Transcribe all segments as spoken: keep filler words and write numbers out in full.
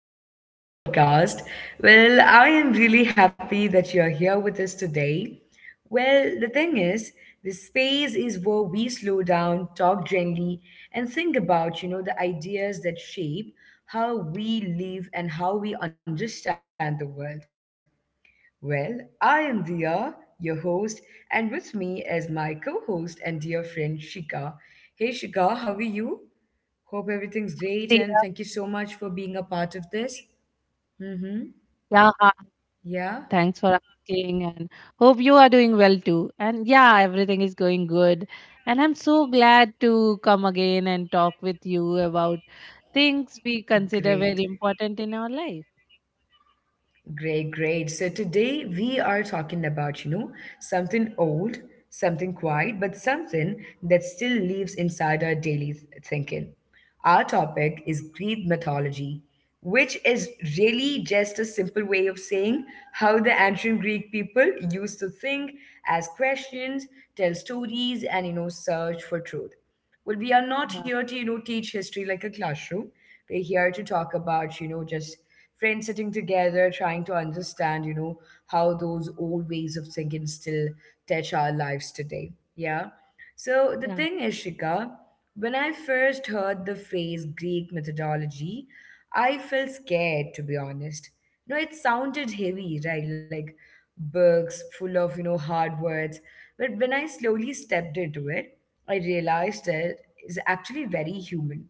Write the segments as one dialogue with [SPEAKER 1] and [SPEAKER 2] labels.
[SPEAKER 1] welcome back to the podcast. Well, I am really happy that you're here with us today. Well, the thing is, this space is where we slow down, talk gently, and think about, you know, the ideas that shape how we live and how we understand the world. Well, I am Dia, your host, and with me is my co host and dear friend Shika. Hey Shika, how are you? Hope everything's great and
[SPEAKER 2] Dia.
[SPEAKER 1] thank you so much for being a part of this. Mm-hmm.
[SPEAKER 2] Yeah, hi.
[SPEAKER 1] Yeah,
[SPEAKER 2] Thanks for asking and hope you are doing well too. And yeah, everything is going good. And I'm so glad to come again and talk with you about things we consider
[SPEAKER 1] great.
[SPEAKER 2] very important in our life.
[SPEAKER 1] Great, great. So today we are talking about, you know, something old, something quiet, but something that still lives inside our daily th- thinking. Our topic is Greek mythology, which is really just a simple way of saying how the ancient Greek people used to think, ask questions, tell stories, and, you know, search for truth. Well we are not
[SPEAKER 2] Yeah,
[SPEAKER 1] here to you know teach history like a classroom. We're here to talk about, you know just friends sitting together trying to understand, you know how those old ways of thinking still touch our lives today. Yeah. So the
[SPEAKER 2] yeah,
[SPEAKER 1] thing is, Shika, when I first heard the phrase Greek methodology, I felt scared, to be honest. You know, it sounded heavy, right? Like books full of, you know, hard words. But when I slowly stepped into it, I realized that it's actually very human.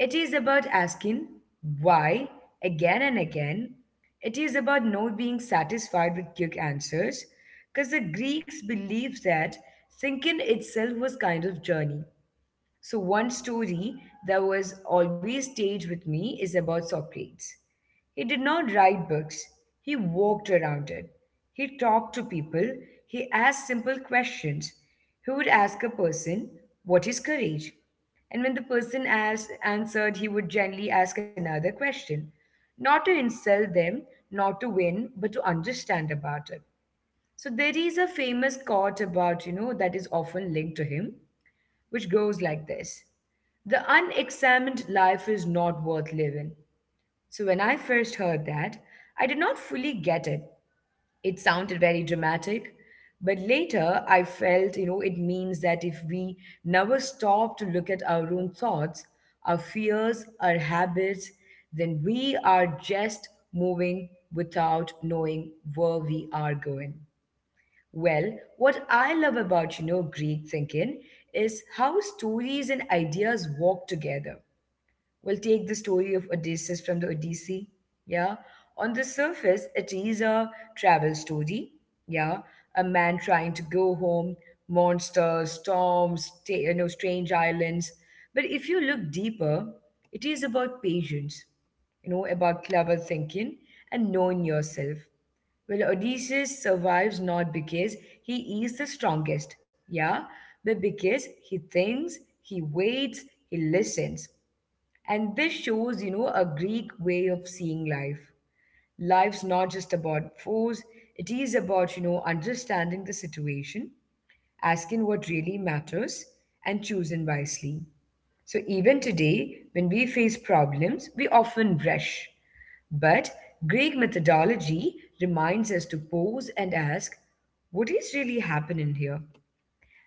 [SPEAKER 1] It is about asking why again and again. It is about not being satisfied with quick answers, because the Greeks believed that thinking itself was kind of journey. So, one story that was always stayed with me is about Socrates. He did not write books, he walked around it. He talked to people, he asked simple questions. He would ask a person, "What is courage?" And when the person asked, answered, he would gently ask another question, not to insult them, not to win, but to understand about it. So there is a famous quote about, you know, that is often linked to him, which goes like this: "The unexamined life is not worth living." So, when I first heard that, I did not fully get it. It sounded very dramatic, but later I felt, you know, it means that if we never stop to look at our own thoughts, our fears, our habits, then we are just moving without knowing where we are going. Well, what I love about, you know, Greek thinking is how stories and ideas walk together. We'll take the story of Odysseus from the Odyssey. Yeah. On the surface, it is a travel story. Yeah. A man trying to go home, monsters, storms, ta- you know, strange islands. But if you look deeper, it is about patience, you know, about clever thinking and knowing yourself. Well, Odysseus survives not because he is the strongest, yeah, but because he thinks, he waits, he listens. And this shows, you know, a Greek way of seeing life. Life's not just about force, it is about, you know, understanding the situation, asking what really matters, and choosing wisely. So even today, when we face problems, we often rush. But Greek methodology reminds us to pause and ask, what is really happening here?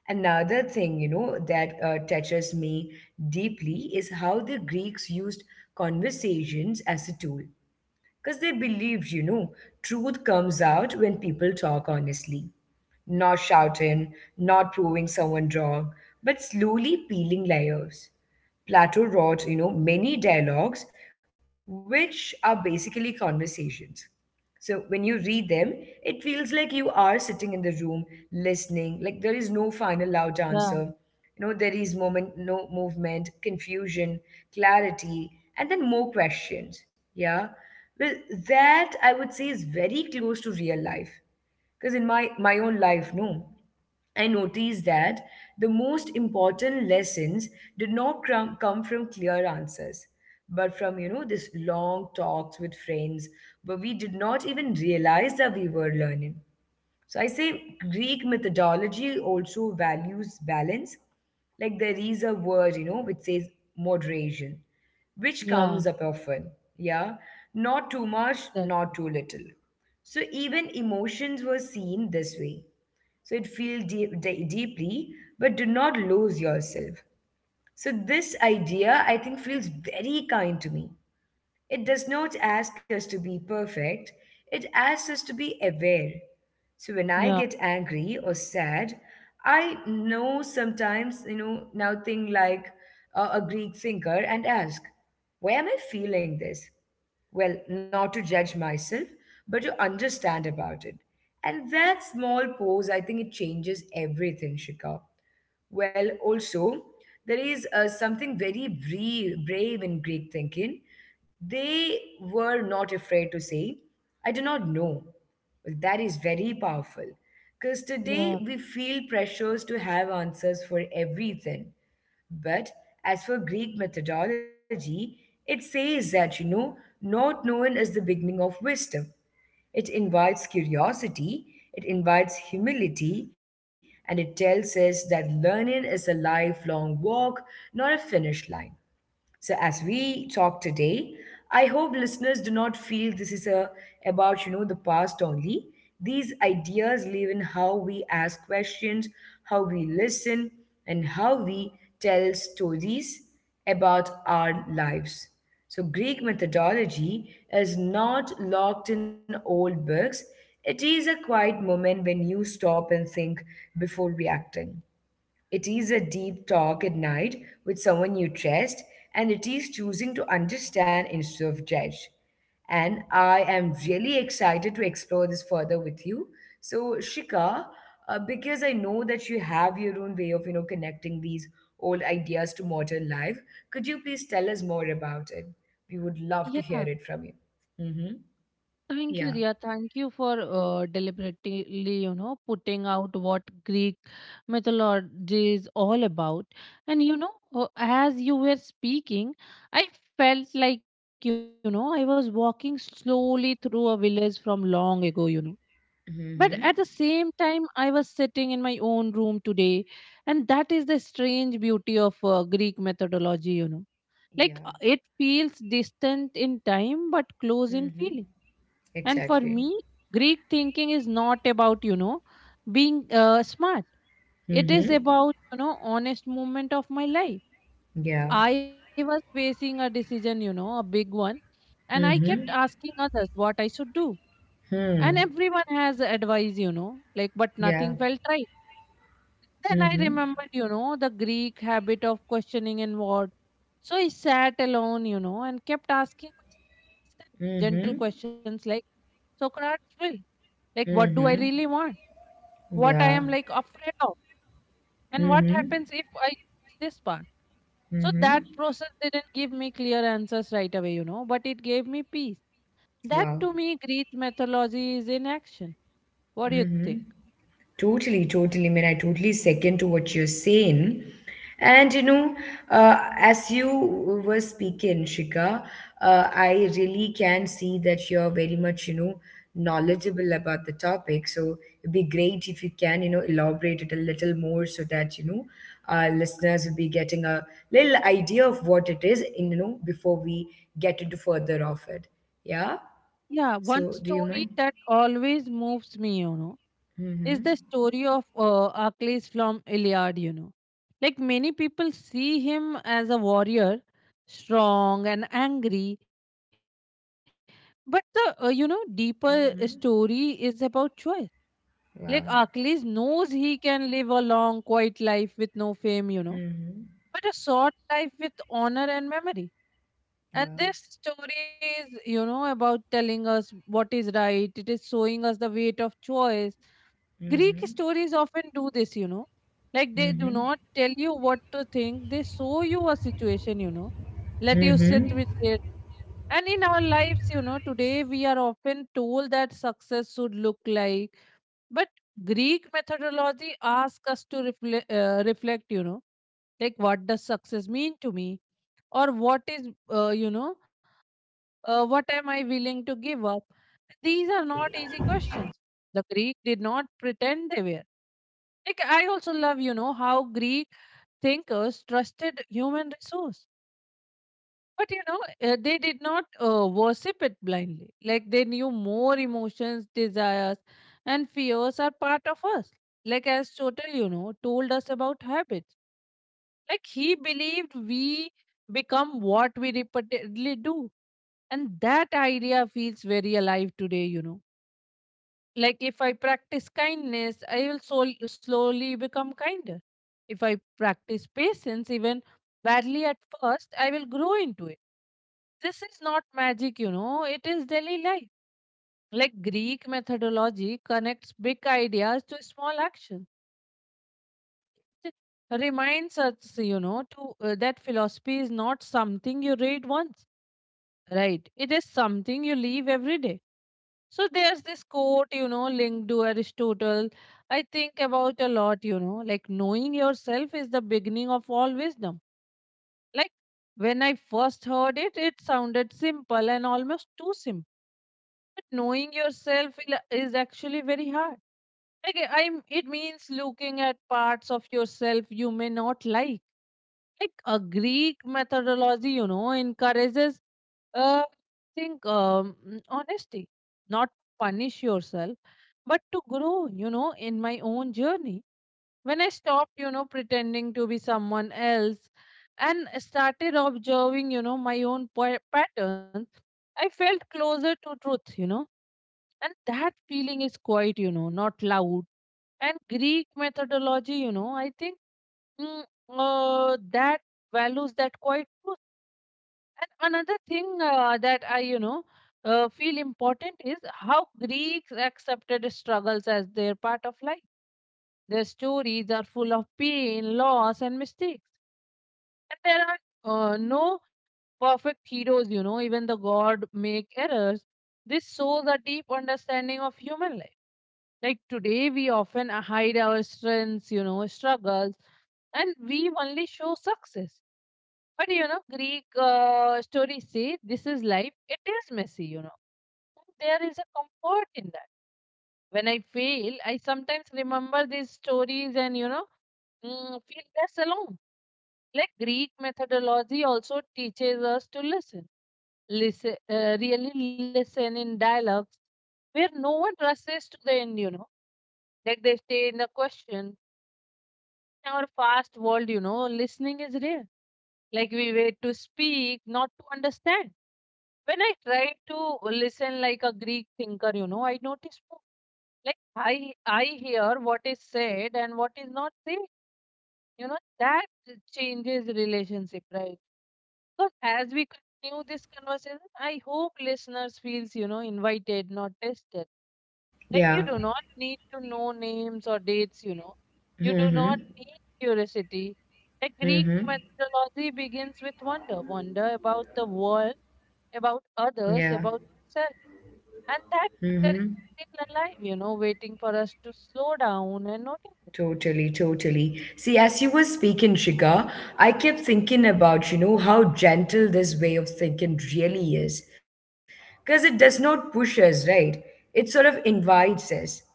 [SPEAKER 1] Another thing, you know, that uh, touches me deeply is how the Greeks used conversations as a tool. Because they believed, you know, truth comes out when people talk honestly, not shouting, not proving someone wrong, but slowly peeling layers. Plato wrote, you know, many dialogues, which are basically conversations. So when you read them, it feels like you are sitting in the room listening. Like there is no final loud
[SPEAKER 2] yeah,
[SPEAKER 1] answer. You know, there is moment, no movement, confusion, clarity, and then more questions. Yeah. Well, that I would say is very close to real life. Because in my my own life, no. I noticed that the most important lessons did not crum- come from clear answers, but from, you know, this long talks with friends where we did not even realize that we were learning. So I say Greek methodology also values balance. Like there is a word, you know, which says moderation, which
[SPEAKER 2] yeah,
[SPEAKER 1] comes up often. Yeah. Not too much,
[SPEAKER 2] exactly.
[SPEAKER 1] not too little. So even emotions were seen this way, so it feel deep, de- deeply, but do not lose yourself. So this idea, I think, feels very kind to me. It does not ask us to be perfect. It asks us to be aware. So when I
[SPEAKER 2] yeah,
[SPEAKER 1] get angry or sad, I know sometimes, you know, now think like uh, a Greek thinker and ask, why am I feeling this? Well, not to judge myself, but to understand about it. And that small pause, I think it changes everything, Shikha. Well, also, there is uh, something very brave, brave in Greek thinking. They were not afraid to say, I do not know. Well, that is very powerful because today
[SPEAKER 2] yeah,
[SPEAKER 1] we feel pressures to have answers for everything. But as for Greek methodology, it says that, you know, not knowing is the beginning of wisdom. It invites curiosity, it invites humility, and it tells us that learning is a lifelong walk, not a finish line. So, as we talk today, I hope listeners do not feel this is a, about you know the past only. These ideas live in how we ask questions, how we listen, and how we tell stories about our lives. So, Greek methodology is not locked in old books. It is a quiet moment when you stop and think before reacting. It is a deep talk at night with someone you trust, and it is choosing to understand instead of judge. And I am really excited to explore this further with you. So, Shika, uh, because I know that you have your own way of, you know, connecting these old ideas to modern life, could you please tell us more about it? We would love to hear
[SPEAKER 2] yeah.
[SPEAKER 1] it from you. Mm-hmm.
[SPEAKER 2] Thank you,
[SPEAKER 1] Yeah.
[SPEAKER 2] Riya. Thank you for uh, deliberately, you know, putting out what Greek mythology is all about. And, you know, uh, as you were speaking, I felt like, you know, I was walking slowly through a village from long ago, you know. But at the
[SPEAKER 1] Mm-hmm.
[SPEAKER 2] same time, I was sitting in my own room today. And that is the strange beauty of uh, Greek methodology, you know. Like uh,
[SPEAKER 1] Yeah.
[SPEAKER 2] it feels distant in time, but close in
[SPEAKER 1] Mm-hmm.
[SPEAKER 2] feeling. And for
[SPEAKER 1] Exactly.
[SPEAKER 2] me, Greek thinking is not about, you know, being uh, smart. It is
[SPEAKER 1] Mm-hmm.
[SPEAKER 2] about, you know, honest moment of my life.
[SPEAKER 1] Yeah.
[SPEAKER 2] I was facing a decision, you know, a big one, and I kept
[SPEAKER 1] Mm-hmm.
[SPEAKER 2] asking others what I should do. And
[SPEAKER 1] Hmm.
[SPEAKER 2] everyone has advice, you know, like, but
[SPEAKER 1] Yeah.
[SPEAKER 2] nothing felt right. Then I
[SPEAKER 1] Mm-hmm.
[SPEAKER 2] remembered, you know, the Greek habit of questioning inward. So I sat alone, you know, and kept asking myself gentle questions
[SPEAKER 1] Mm-hmm.
[SPEAKER 2] like Socrates will, like, what do I really want?
[SPEAKER 1] Mm-hmm.
[SPEAKER 2] What I am like
[SPEAKER 1] Yeah.
[SPEAKER 2] afraid of, and what happens if
[SPEAKER 1] Mm-hmm.
[SPEAKER 2] I use this part. So that
[SPEAKER 1] Mm-hmm.
[SPEAKER 2] process didn't give me clear answers right away, you know, but it gave me peace. That
[SPEAKER 1] Wow.
[SPEAKER 2] to me, Greek mythology is in action. What do you think?
[SPEAKER 1] Mm-hmm. Totally, totally. I mean, I totally second to what you're saying. And you know, uh, as you were speaking, Shika, uh, I really can see that you're very much, you know, knowledgeable about the topic. So it'd be great if you can, you know, elaborate it a little more so that, you know, our listeners will be getting a little idea of what it is, in, you know, before we get into further of it. Yeah?
[SPEAKER 2] Yeah, one
[SPEAKER 1] So do you
[SPEAKER 2] story
[SPEAKER 1] mind?
[SPEAKER 2] that always moves me, you know, is
[SPEAKER 1] Mm-hmm.
[SPEAKER 2] the story of uh, Achilles from Iliad, you know. Like many people see him as a warrior, strong and angry, but the, uh, you know, deeper story is
[SPEAKER 1] Mm-hmm.
[SPEAKER 2] about choice. Like Achilles knows
[SPEAKER 1] Wow.
[SPEAKER 2] he can live a long, quiet life with no fame, you know, but a
[SPEAKER 1] Mm-hmm.
[SPEAKER 2] short life with honor and memory. And this
[SPEAKER 1] Wow.
[SPEAKER 2] story is, you know, about telling us what is right. It is showing us the weight of choice. Greek
[SPEAKER 1] Mm-hmm.
[SPEAKER 2] stories often do this, you know. Like they do not
[SPEAKER 1] Mm-hmm.
[SPEAKER 2] tell you what to think, they show you a situation, you know, let you sit with
[SPEAKER 1] Mm-hmm.
[SPEAKER 2] it. And in our lives, you know, today we are often told that success should look like, but Greek methodology asks us to reflect, uh, reflect, you know, like what does success mean to me, or what is, uh, you know, uh, what am I willing to give up? These are not easy questions. The Greek did not pretend they were. Like I also love, you know, how Greek thinkers trusted human resource, but you know, uh, they did not uh, worship it blindly. Like they knew more emotions, desires, and fears are part of us. Like as Chotel, you know, told us about habits. Like he believed we become what we repeatedly do. And that idea feels very alive today, you know. Like if I practice kindness, I will sol- slowly become kinder. If I practice patience, even badly at first, I will grow into it. This is not magic, you know, it is daily life. Like Greek methodology connects big ideas to small actions. It reminds us, you know, to uh, that philosophy is not something you read once, right? It is something you live every day. So there's this quote, you know, linked to Aristotle. I think about a lot, you know, like knowing yourself is the beginning of all wisdom. Like when I first heard it, it sounded simple and almost too simple. But knowing yourself will- is actually very hard. Okay, I- am it means looking at parts of yourself you may not like. Like a Greek methodology, you know, encourages, uh, I think um, mm, honesty, not to punish yourself, but to grow. You know, in my own journey, when I stopped, you know, pretending to be someone else, and started observing, you know, my own pa- patterns, I felt closer to truth. You know, and that feeling is quite, you know, not loud. And Greek methodology, you know, I think mm, uh, that values that quite truth. And another thing uh, that I, you know, uh, feel important is how Greeks accepted struggles as their part of life. Their stories are full of pain, loss, and mistakes. And there are uh, no perfect heroes, you know, even the god make errors. This shows a deep understanding of human life. Like today, we often hide our strengths, you know, struggles, and we only show success. But you know, Greek uh, stories say this is life, it is messy, you know. There is a comfort in that. When I fail, I sometimes remember these stories and, you know, mm, feel less alone. Like Greek methodology also teaches us to listen, listen, uh, really listen in dialogues where no one rushes to the end, you know, like they stay in the question. In our fast world, you know, listening is rare. Like we wait to speak, not to understand. When I try to listen like a Greek thinker, you know, I notice more. Like I I hear what is said and what is not said. You know, that changes relationship, right? Because as we continue this conversation, I hope listeners feels, you know, invited, not tested. Like
[SPEAKER 1] Yeah.
[SPEAKER 2] you do not need to know names or dates, you know. You do
[SPEAKER 1] Mm-hmm.
[SPEAKER 2] not need curiosity. Like Greek
[SPEAKER 1] Mm-hmm.
[SPEAKER 2] mythology begins with wonder, wonder about the world, about
[SPEAKER 1] Yeah.
[SPEAKER 2] others, about yourself. And that
[SPEAKER 1] Mm-hmm.
[SPEAKER 2] wonder is still alive, you know, waiting for us to slow down and notice it.
[SPEAKER 1] Totally, totally. See, as you were speaking, Shika, I kept thinking about, you know, how gentle this way of thinking really is. Because it does not push us, right? It sort of invites us.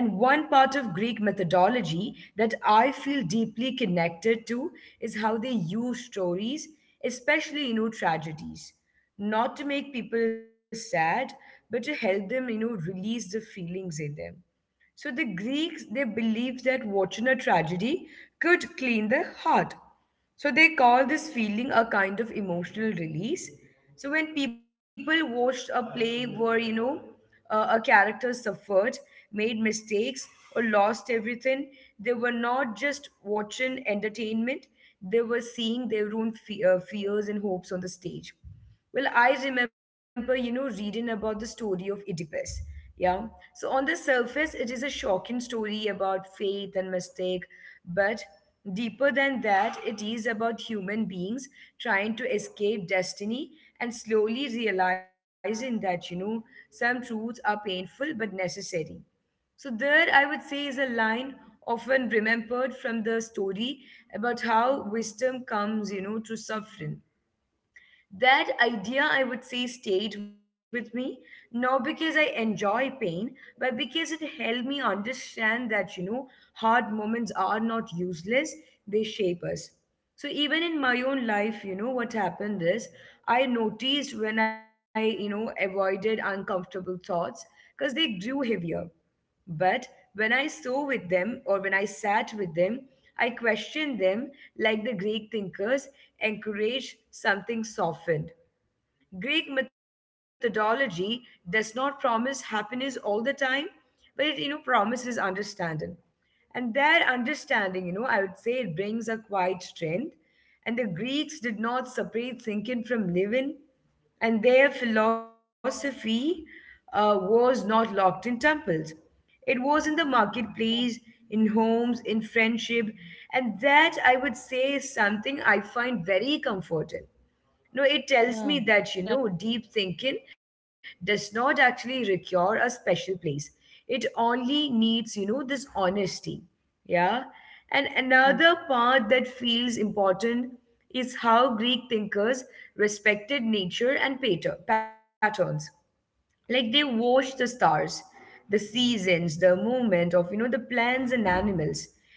[SPEAKER 1] And one part of Greek methodology that I feel deeply connected to is how they use stories, especially, you know, tragedies, not to make people sad, but to help them, you know, release the feelings in them. So the Greeks, they believed that watching a tragedy could clean the heart. So they call this feeling a kind of emotional release. So when people watched a play where, you know, uh, a character suffered, made mistakes, or lost everything, they were not just watching entertainment, they were seeing their own fe- uh, fears and hopes on the stage. Well, I remember, you know, reading about the story of Oedipus. Yeah. So, on the surface, it is a shocking story about faith and mistake. But deeper than that, it is about human beings trying to escape destiny and slowly realizing that, you know, some truths are painful but necessary. So, there, I would say, is a line often remembered from the story about how wisdom comes, you know, through suffering. That idea, I would say, stayed with me, not because I enjoy pain, but because it helped me understand that, you know, hard moments are not useless, they shape us. So even in my own life, you know, what happened is I noticed when I, you know, avoided uncomfortable thoughts because they grew heavier. But when I saw with them or when I sat with them, I questioned them like the Greek thinkers encouraged something softened. Greek methodology does not promise happiness all the time, but it you know promises understanding. And their understanding, you know, I would say it brings a quiet strength. And the Greeks did not separate thinking from living, and their philosophy uh, was not locked in temples. It was in the
[SPEAKER 2] Yeah,
[SPEAKER 1] marketplace, in homes, in friendship, and that I would say is something I find very comforting. No, it tells
[SPEAKER 2] yeah,
[SPEAKER 1] me that, you know, deep thinking does not actually require a special place. It only needs, you know, this honesty. Yeah. And
[SPEAKER 2] yeah,
[SPEAKER 1] another part that feels important is how Greek thinkers respected nature and pater- patterns. Like they watched the stars, the seasons, the movement of, you know, the plants and animals.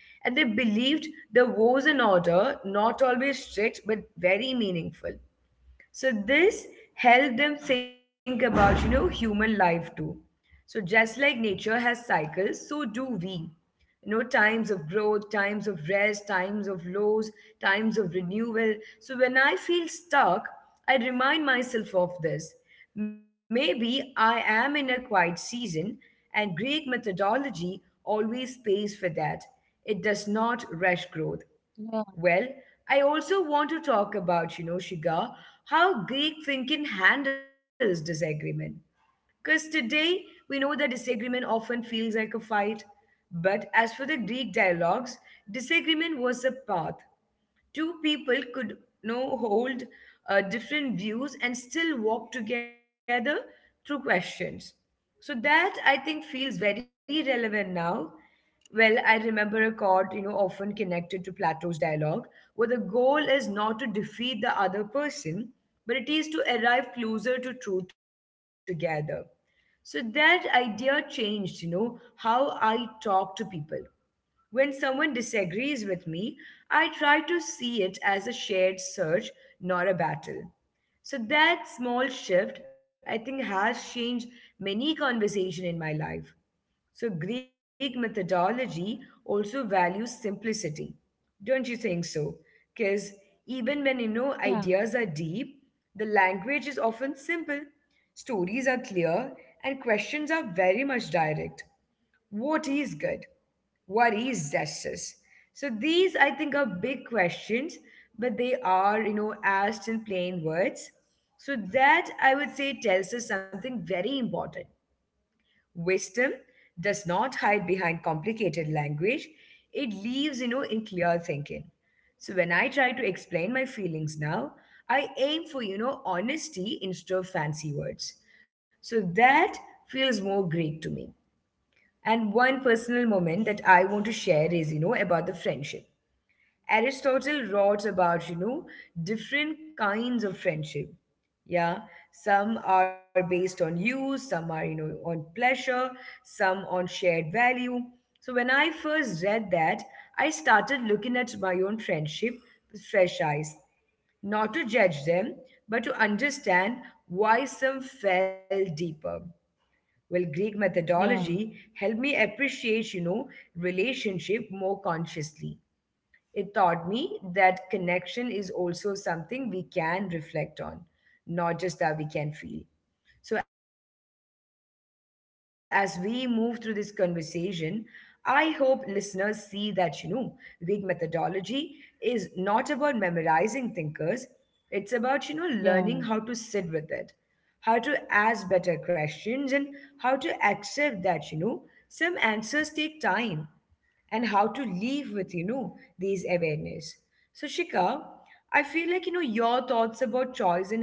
[SPEAKER 1] And they believed there was an order, not always strict, but very meaningful. So this helped them think about, you know, human life too. So just like nature has cycles, so do we. You know, times of growth, times of rest, times of lows, times of renewal. So when I feel stuck, I remind myself of this. Maybe I am in a quiet season, and great methodology always pays for that. It does not
[SPEAKER 2] yeah,
[SPEAKER 1] rush growth. Well, I also want to talk about, you know, Shiga, how Greek thinking handles disagreement. Because today we know that disagreement often feels like a fight. But as for the Greek dialogues, disagreement was a path two people could you know hold uh, different views and still walk together through questions. So that, I think, feels very relevant now. Well, I remember a quote, you know often connected to Plato's dialogue, where the goal is not to defeat the other person, but it is to arrive closer to truth together. So that idea changed, you know how I talk to people. When someone disagrees with me, I try to see it as a shared search, not a battle. So that small shift, I think, has changed many conversation in my life. So Greek methodology also values simplicity. Don't you think so? Because even
[SPEAKER 2] yeah,
[SPEAKER 1] when you know ideas are deep, the language is often simple, stories are clear, and questions are very much direct. What is good? What is justice? So these, I think, are big questions, but they are, you know asked in plain words. So that, I would say, tells us something very important. Wisdom does not hide behind complicated language. It leaves, you know in clear thinking. So when I try to explain my feelings now, I aim for, you know honesty instead of fancy words. So that feels more Greek to me. And one personal moment that I want to share is, you know, about the friendship. Aristotle wrote about, you know, different kinds of friendship. Yeah, some are based on use, some are, you know, on pleasure, some on shared value. So when I first read that, I started looking at my own friendship with fresh eyes, not to judge them, but to understand why some fell deeper. Well, Greek
[SPEAKER 2] yeah,
[SPEAKER 1] methodology helped me appreciate, you know, relationship more consciously. It taught me that connection is also something we can reflect on, not just that we can feel. So as we move through this conversation, I hope listeners see that, you know, vague methodology is not about memorizing thinkers. It's about, you know, learning how to sit with it,
[SPEAKER 2] yeah,
[SPEAKER 1] how to ask better questions, and how to accept that, you know, some answers take time, and how to live with, you know these awareness. So Shika, I feel like, you know your thoughts about choice and habit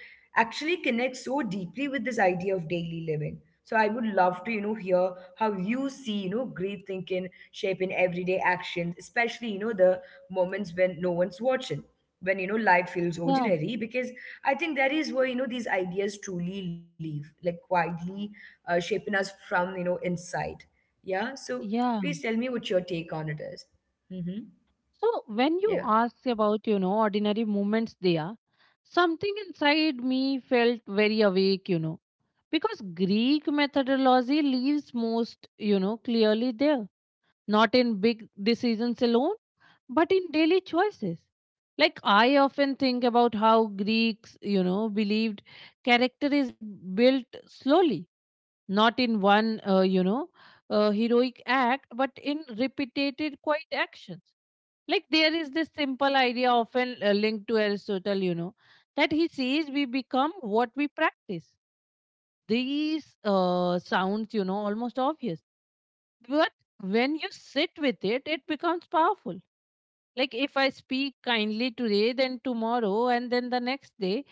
[SPEAKER 1] actually connect so deeply with this idea of daily living. So I would love to, you know hear how you see, you know great thinking shape in everyday actions, especially, you know the moments when no one's watching, when, you know life
[SPEAKER 2] yeah,
[SPEAKER 1] feels ordinary. Because I think that is where, you know these ideas truly live, like quietly uh, shaping us from, you know inside. Yeah,
[SPEAKER 2] yeah.
[SPEAKER 1] so please tell me what your take on it is. Mm-hmm.
[SPEAKER 2] So when you ask
[SPEAKER 1] Yeah.
[SPEAKER 2] about, you know, ordinary movements there, something inside me felt very awake, you know, because Greek methodology leaves most, you know, clearly there, not in big decisions alone, but in daily choices. Like I often think about how Greeks, you know, believed character is built slowly, not in one uh, you know uh, heroic act, but in repeated quiet actions. Like there is this simple idea often uh, linked to Aristotle, you know that he says we become what we practice. These uh, sounds you know almost obvious, but when you sit with it it becomes powerful. Like if I speak kindly today, then tomorrow, and then the next day,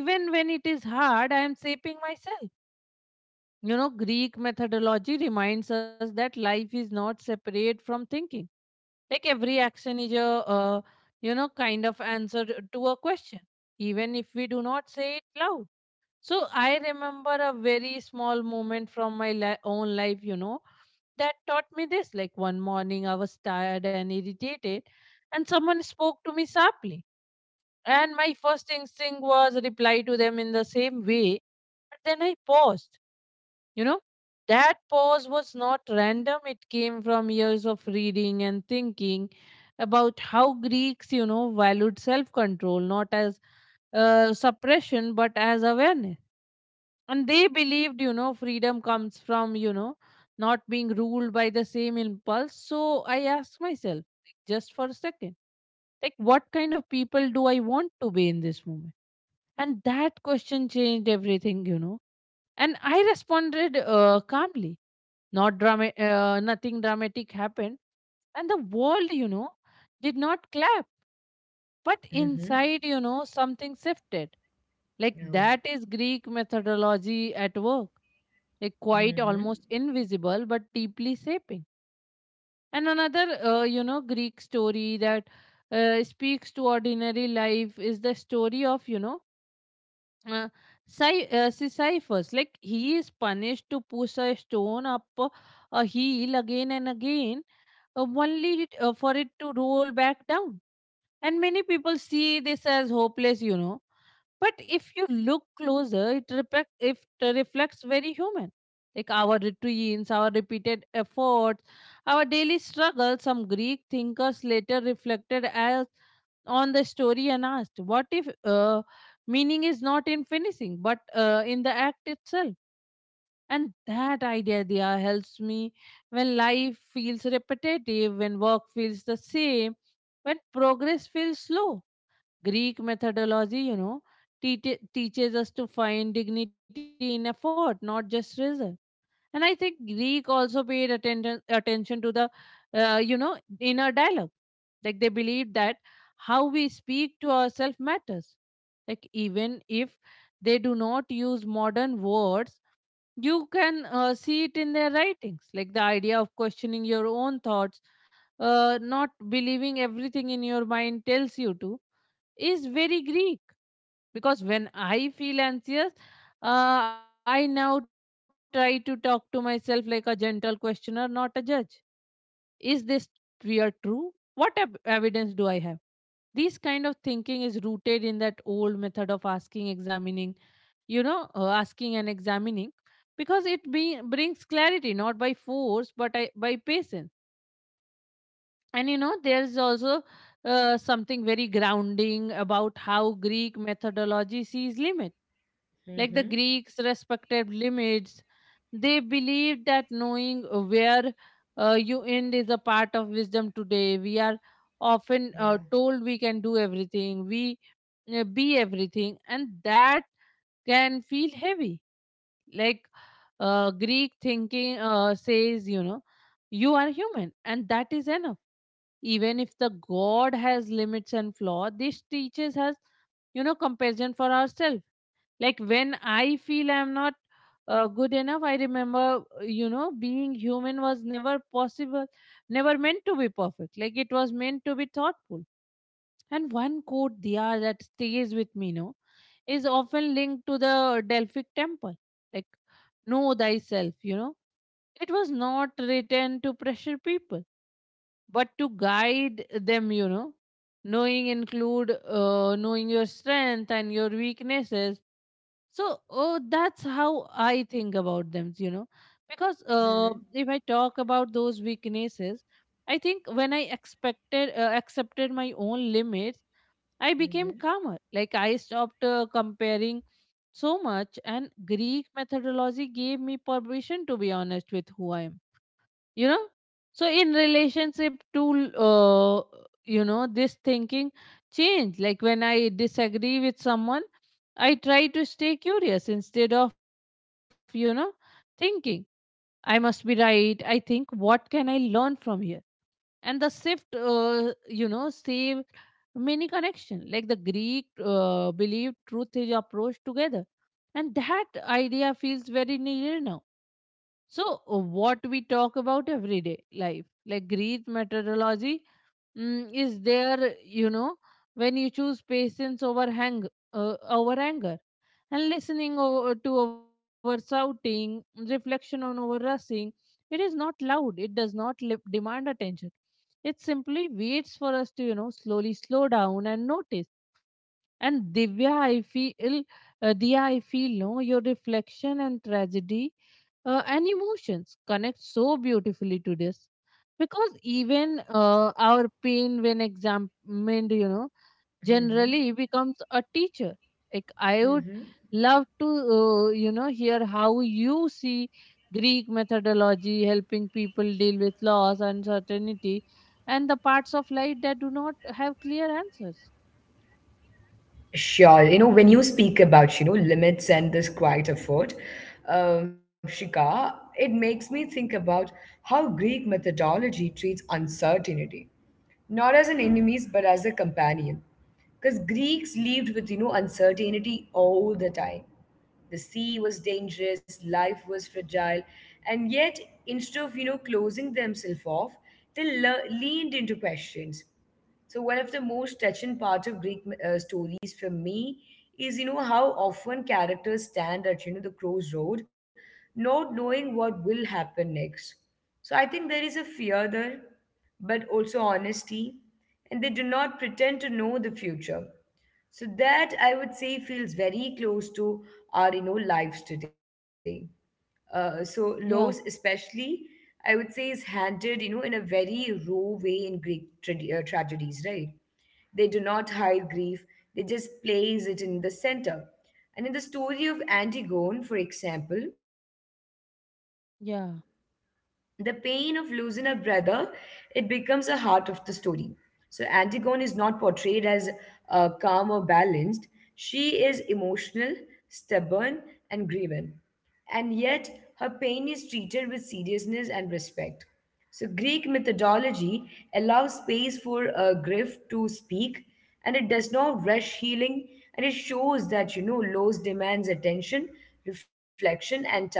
[SPEAKER 2] even when it is hard, I am shaping myself. You know, Greek methodology reminds us that life is not separate from thinking. Like every action is a, uh, you know, kind of answer to a question, even if we do not say it loud. So I remember a very small moment from my li- own life, you know, that taught me this. Like one morning, I was tired and irritated, and someone spoke to me sharply. And my first instinct was reply to them in the same way. But then I paused. you know, that pause was not random, it came from years of reading and thinking about how Greeks, you know, valued self control, not as uh, suppression but as awareness. And they believed, you know, freedom comes from, you know, not being ruled by the same impulse. So I asked myself, like, just for a second, like, what kind of people do I want to be in this moment? And that question changed everything, you know. And I responded uh, calmly. Not drama uh, nothing dramatic happened, and the world you know did not clap, but inside
[SPEAKER 1] Mm-hmm.
[SPEAKER 2] you know something shifted. Like that
[SPEAKER 1] Oh.
[SPEAKER 2] is Greek methodology at work. Like quite
[SPEAKER 1] Mm-hmm.
[SPEAKER 2] almost invisible, but deeply shaping. And another uh, you know Greek story that uh, speaks to ordinary life is the story of you know uh, cy, uh, see Cyphers. Like he is punished to push a stone up uh, a hill again and again, uh, only it, uh, for it to roll back down. And many people see this as hopeless, you know. But if you look closer, it, repe- if it reflects very human. Like our routines, our repeated efforts, our daily struggle, some Greek thinkers later reflected as on the story and asked, what if uh, meaning is not in finishing, but uh, in the act itself? And that idea there helps me when life feels repetitive, when work feels the same, when progress feels slow. Greek methodology, you know, teach- teaches us to find dignity in effort, not just result. And I think Greek also paid attention attention to the, uh, you know, inner dialogue. Like they believed that how we speak to ourselves matters. Like even if they do not use modern words, you can uh, see it in their writings. Like the idea of questioning your own thoughts, uh, not believing everything in your mind tells you to is very Greek. Because when I feel anxious, uh, I now try to talk to myself like a gentle questioner, not a judge. Is this fear true? What ev- evidence do I have? This kind of thinking is rooted in that old method of asking, examining, you know, uh, asking and examining because it be- brings clarity not by force but I, by patience. And you know, there's also uh, something very grounding about how Greek methodology sees limit. Like the
[SPEAKER 1] Mm-hmm.
[SPEAKER 2] Greeks respected limits. They believed that knowing where uh, you end is a part of wisdom. Today we are often uh,
[SPEAKER 1] Yeah.
[SPEAKER 2] told we can do everything, we uh, be everything, and that can feel heavy. Like uh, Greek thinking uh, says, you know, you are human, and that is enough. Even if the God has limits and flaw, this teaches us, you know, comparison for ourselves. Like when I feel I'm not uh, good enough, I remember, uh, you know, being human was never possible, never meant to be perfect. Like it was meant to be thoughtful. And one quote, Diya, that stays with me, no, is often linked to the Delphic temple. Like, know thyself, you know. It was not written to pressure people but to guide them you know knowing include uh, knowing your strength and your weaknesses. So oh, that's how I think about them you know because uh,
[SPEAKER 1] Mm-hmm.
[SPEAKER 2] if I talk about those weaknesses, I think when I expected uh, accepted my own limits, I became
[SPEAKER 1] Mm-hmm.
[SPEAKER 2] calmer. Like I stopped uh, comparing so much, and Greek methodology gave me permission to be honest with who I am you know so in relationship to uh, you know this thinking change. Like when I disagree with someone, I try to stay curious instead of, you know thinking I must be right. I think, what can I learn from here? And the shift uh, you know save many connection. Like the Greek uh, believed truth is approached together, and that idea feels very near now. So, uh, what we talk about everyday life, like Greek methodology, mm, is there, you know, when you choose patience over, hang, uh, over anger, and listening over to over shouting, reflection on over rushing. It is not loud, it does not lip, demand attention. It simply waits for us to, you know, slowly slow down and notice. And Divya, I feel, uh, Diya, I feel, no, your reflection and tragedy uh, and emotions connect so beautifully to this. Because even uh, our pain, when examined, you know, generally
[SPEAKER 1] Mm-hmm.
[SPEAKER 2] becomes a teacher. Like, I would
[SPEAKER 1] Mm-hmm.
[SPEAKER 2] love to, uh, you know, hear how you see Greek methodology helping people deal with loss, uncertainty, and the parts of life that do not have clear answers.
[SPEAKER 1] Sure, you know, when you speak about, you know, limits and this quiet effort, um, Shika, it makes me think about how Greek methodology treats uncertainty, not as an enemies, but as a companion. Because Greeks lived with, you know, uncertainty all the time. The sea was dangerous, life was fragile, and yet instead of, you know closing themselves off, they le- leaned into questions. So one of the most touching part of Greek uh, stories for me is, you know how often characters stand at, you know the crossroad, not knowing what will happen next. So I think there is a fear there, but also honesty, and they do not pretend to know the future. So that, I would say, feels very close to our, you know lives today. Uh, so Laos,
[SPEAKER 2] Yeah,
[SPEAKER 1] especially, I would say, is handled, you know in a very raw way in Greek trad- uh, tragedies, right? They do not hide grief; they just place it in the center. And in the story of Antigone, for example, the pain
[SPEAKER 2] yeah.
[SPEAKER 1] of losing a brother, it becomes a heart of the story. So Antigone is not portrayed as uh, calm or balanced. She is emotional, stubborn, and grieving. And yet her pain is treated with seriousness and respect. So Greek methodology allows space for a grief to speak, and it does not rush healing, and it shows that, you know loss demands attention, reflection, and time.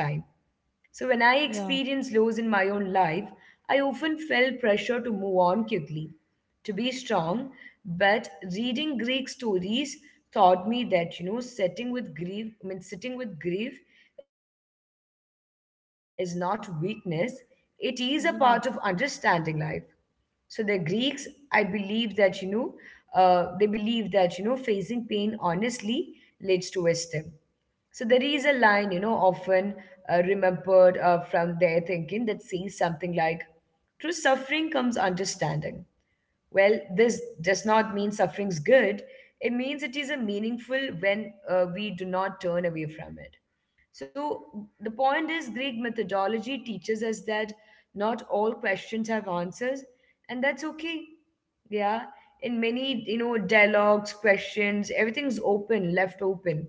[SPEAKER 1] So, when I
[SPEAKER 2] Yeah,
[SPEAKER 1] experienced lows in my own life, I often felt pressure to move on quickly, to be strong. But reading Greek stories taught me that, you know, setting with grief, I mean, sitting with grief is not weakness, it is a part of understanding life.
[SPEAKER 2] yeah,
[SPEAKER 1] So, the Greeks, I believe that, you know, uh, they believe that, you know, facing pain honestly leads to wisdom. So there is a line, you know, often uh, remembered uh, from their thinking that says something like, "Through suffering comes understanding." Well, this does not mean suffering's good. It means it is a meaningful when uh, we do not turn away from it. So the point is, Greek methodology teaches us that not all questions have answers, and that's okay. Yeah, in many, you know dialogues, questions, everything's open, left open.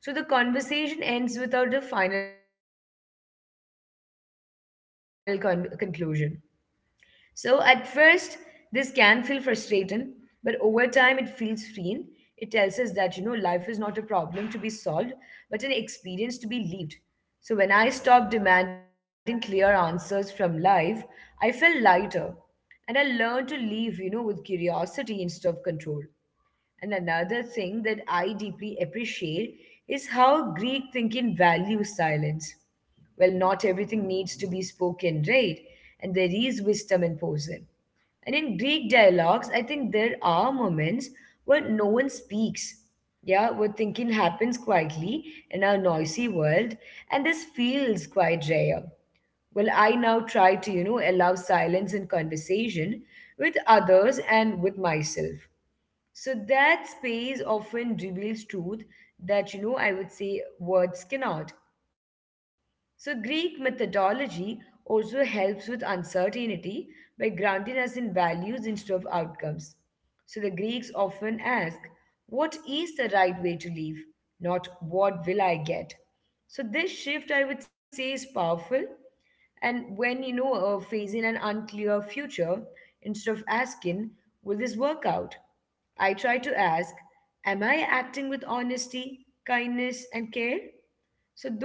[SPEAKER 1] So the conversation ends without a final con- conclusion. So at first, this can feel frustrating, but over time, it feels freeing. It tells us that, you know, life is not a problem to be solved, but an experience to be lived. So when I stopped demanding clear answers from life, I felt lighter. And I learned to live, you know, with curiosity instead of control. And another thing that I deeply appreciate is how Greek thinking values silence. Well, not everything needs to be spoken, right? And there is wisdom in posing. And in Greek dialogues, I think there are moments where no one speaks. Yeah, where thinking happens quietly in our noisy world, and this feels quite rare. Well, I now try to, you know, allow silence in conversation with others and with myself. So that space often reveals truth that, you know, I would say words cannot. So, Greek methodology also helps with uncertainty by grounding us in values instead of outcomes. So, the Greeks often ask, what is the right way to live? Not what will I get? So, this shift, I would say, is powerful. And when, you know, uh, facing an unclear future, instead of asking, will this work out? I try to ask, am I acting with honesty, kindness, and care?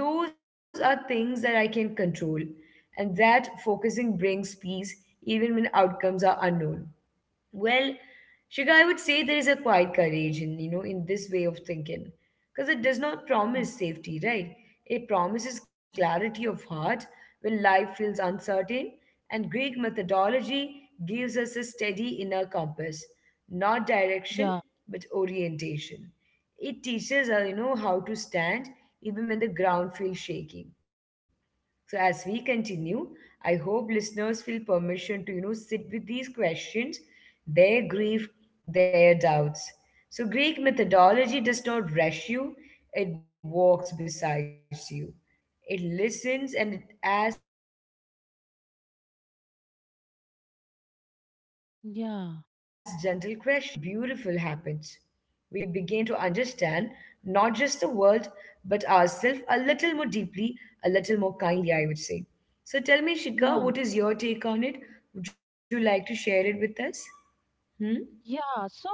[SPEAKER 1] So those are things that I can control, and that focusing brings peace even when outcomes are unknown. Well, Shika, I would say there is a quiet courage in, you know in this way of thinking, because it does not
[SPEAKER 2] yeah,
[SPEAKER 1] promise safety, right? It promises clarity of heart when life feels uncertain, and Greek methodology gives us a steady inner compass, not
[SPEAKER 2] yeah,
[SPEAKER 1] direction but orientation. It teaches us, you know, how to stand even when the ground feels shaking. So as we continue, I hope listeners feel permission to, you know, sit with these questions, their grief, their doubts. So Greek methodology does not rush you, it walks beside you. It listens and it asks gentle questions. And in that slow patient process, something beautiful
[SPEAKER 2] yeah,
[SPEAKER 1] happens. We begin to understand not just the world, but ourselves a little more deeply, a little more kindly, I would say. So tell me, Shika, what is your take on
[SPEAKER 2] yeah.
[SPEAKER 1] it? Would you like to share it with us? Hmm? Yeah.
[SPEAKER 2] Yeah. So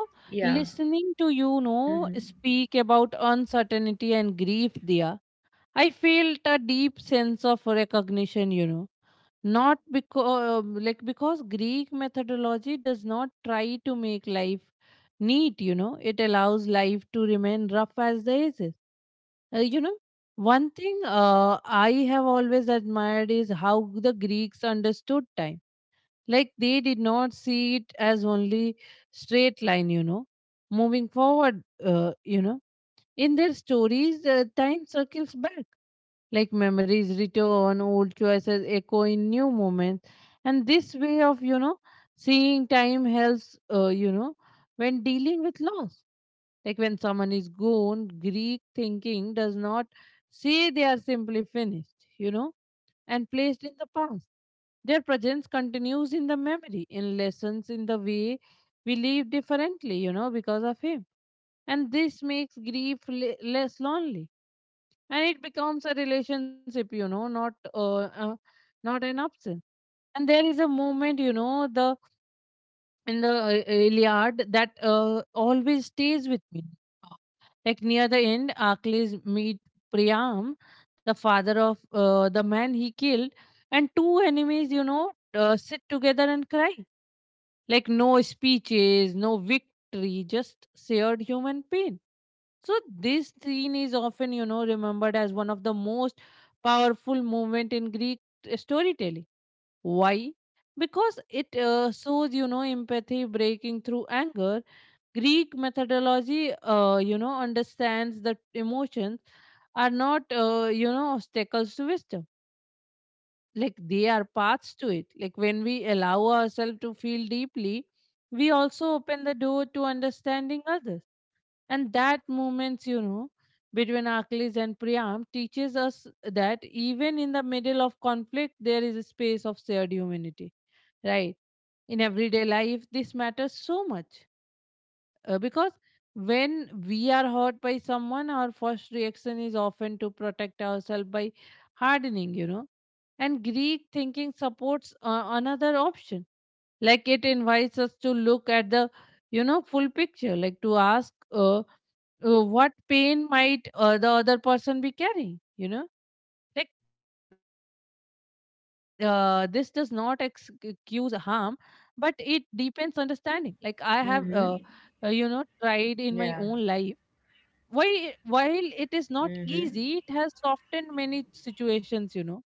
[SPEAKER 1] Mm-hmm.
[SPEAKER 2] listening to you know speak about uncertainty and grief, Dia, I felt a deep sense of recognition, you know. Not because like because Greek methodology does not try to make life neat, you know. It allows life to remain rough as the edges. Uh, you know, one thing uh, I have always admired is how the Greeks understood time. Like they did not see it as only straight line, you know, moving forward, uh, you know. In their stories, uh, time circles back, like memories return, old choices echo in new moments. And this way of, you know, seeing time helps, uh, you know, when dealing with loss. Like when someone is gone, Greek thinking does not say they are simply finished, you know and placed in the past. Their presence continues in the memory, in lessons, in the way we live differently, you know, because of him. And this makes grief le- less lonely. And it becomes a relationship, you know, not uh, uh, not an absence. And there is a moment, you know, the in the uh, uh, Iliad that uh, always stays with me. Like near the end, Achilles meet Priam, the father of uh, the man he killed, and two enemies, you know, uh, sit together and cry. Like no speeches, no victory, just shared human pain. So this scene is often, you know, remembered as one of the most powerful moment in Greek uh, storytelling. Why? Because it uh, shows, you know, empathy breaking through anger. Greek methodology, uh, you know, understands that emotions are not, uh, you know, obstacles to wisdom. Like they are paths to it. Like when we allow ourselves to feel deeply, we also open the door to understanding others. And that moments, you know, between Achilles and Priam teaches us that even in the middle of conflict, there is a space of shared humanity, right? In everyday life, this matters so much uh, because when we are hurt by someone, our first reaction is often to protect ourselves by hardening, you know. And Greek thinking supports uh, another option. Like it invites us to look at the, you know, full picture, like to ask uh, uh, what pain might uh, the other person be carrying, you know. Like uh, this does not ex- excuse harm, but it deepens understanding. Like I
[SPEAKER 1] Mm-hmm.
[SPEAKER 2] have, uh, uh, you know,
[SPEAKER 1] Yeah.
[SPEAKER 2] tried in my own life. While while
[SPEAKER 1] Mm-hmm.
[SPEAKER 2] it is not easy, it has softened many situations, you know.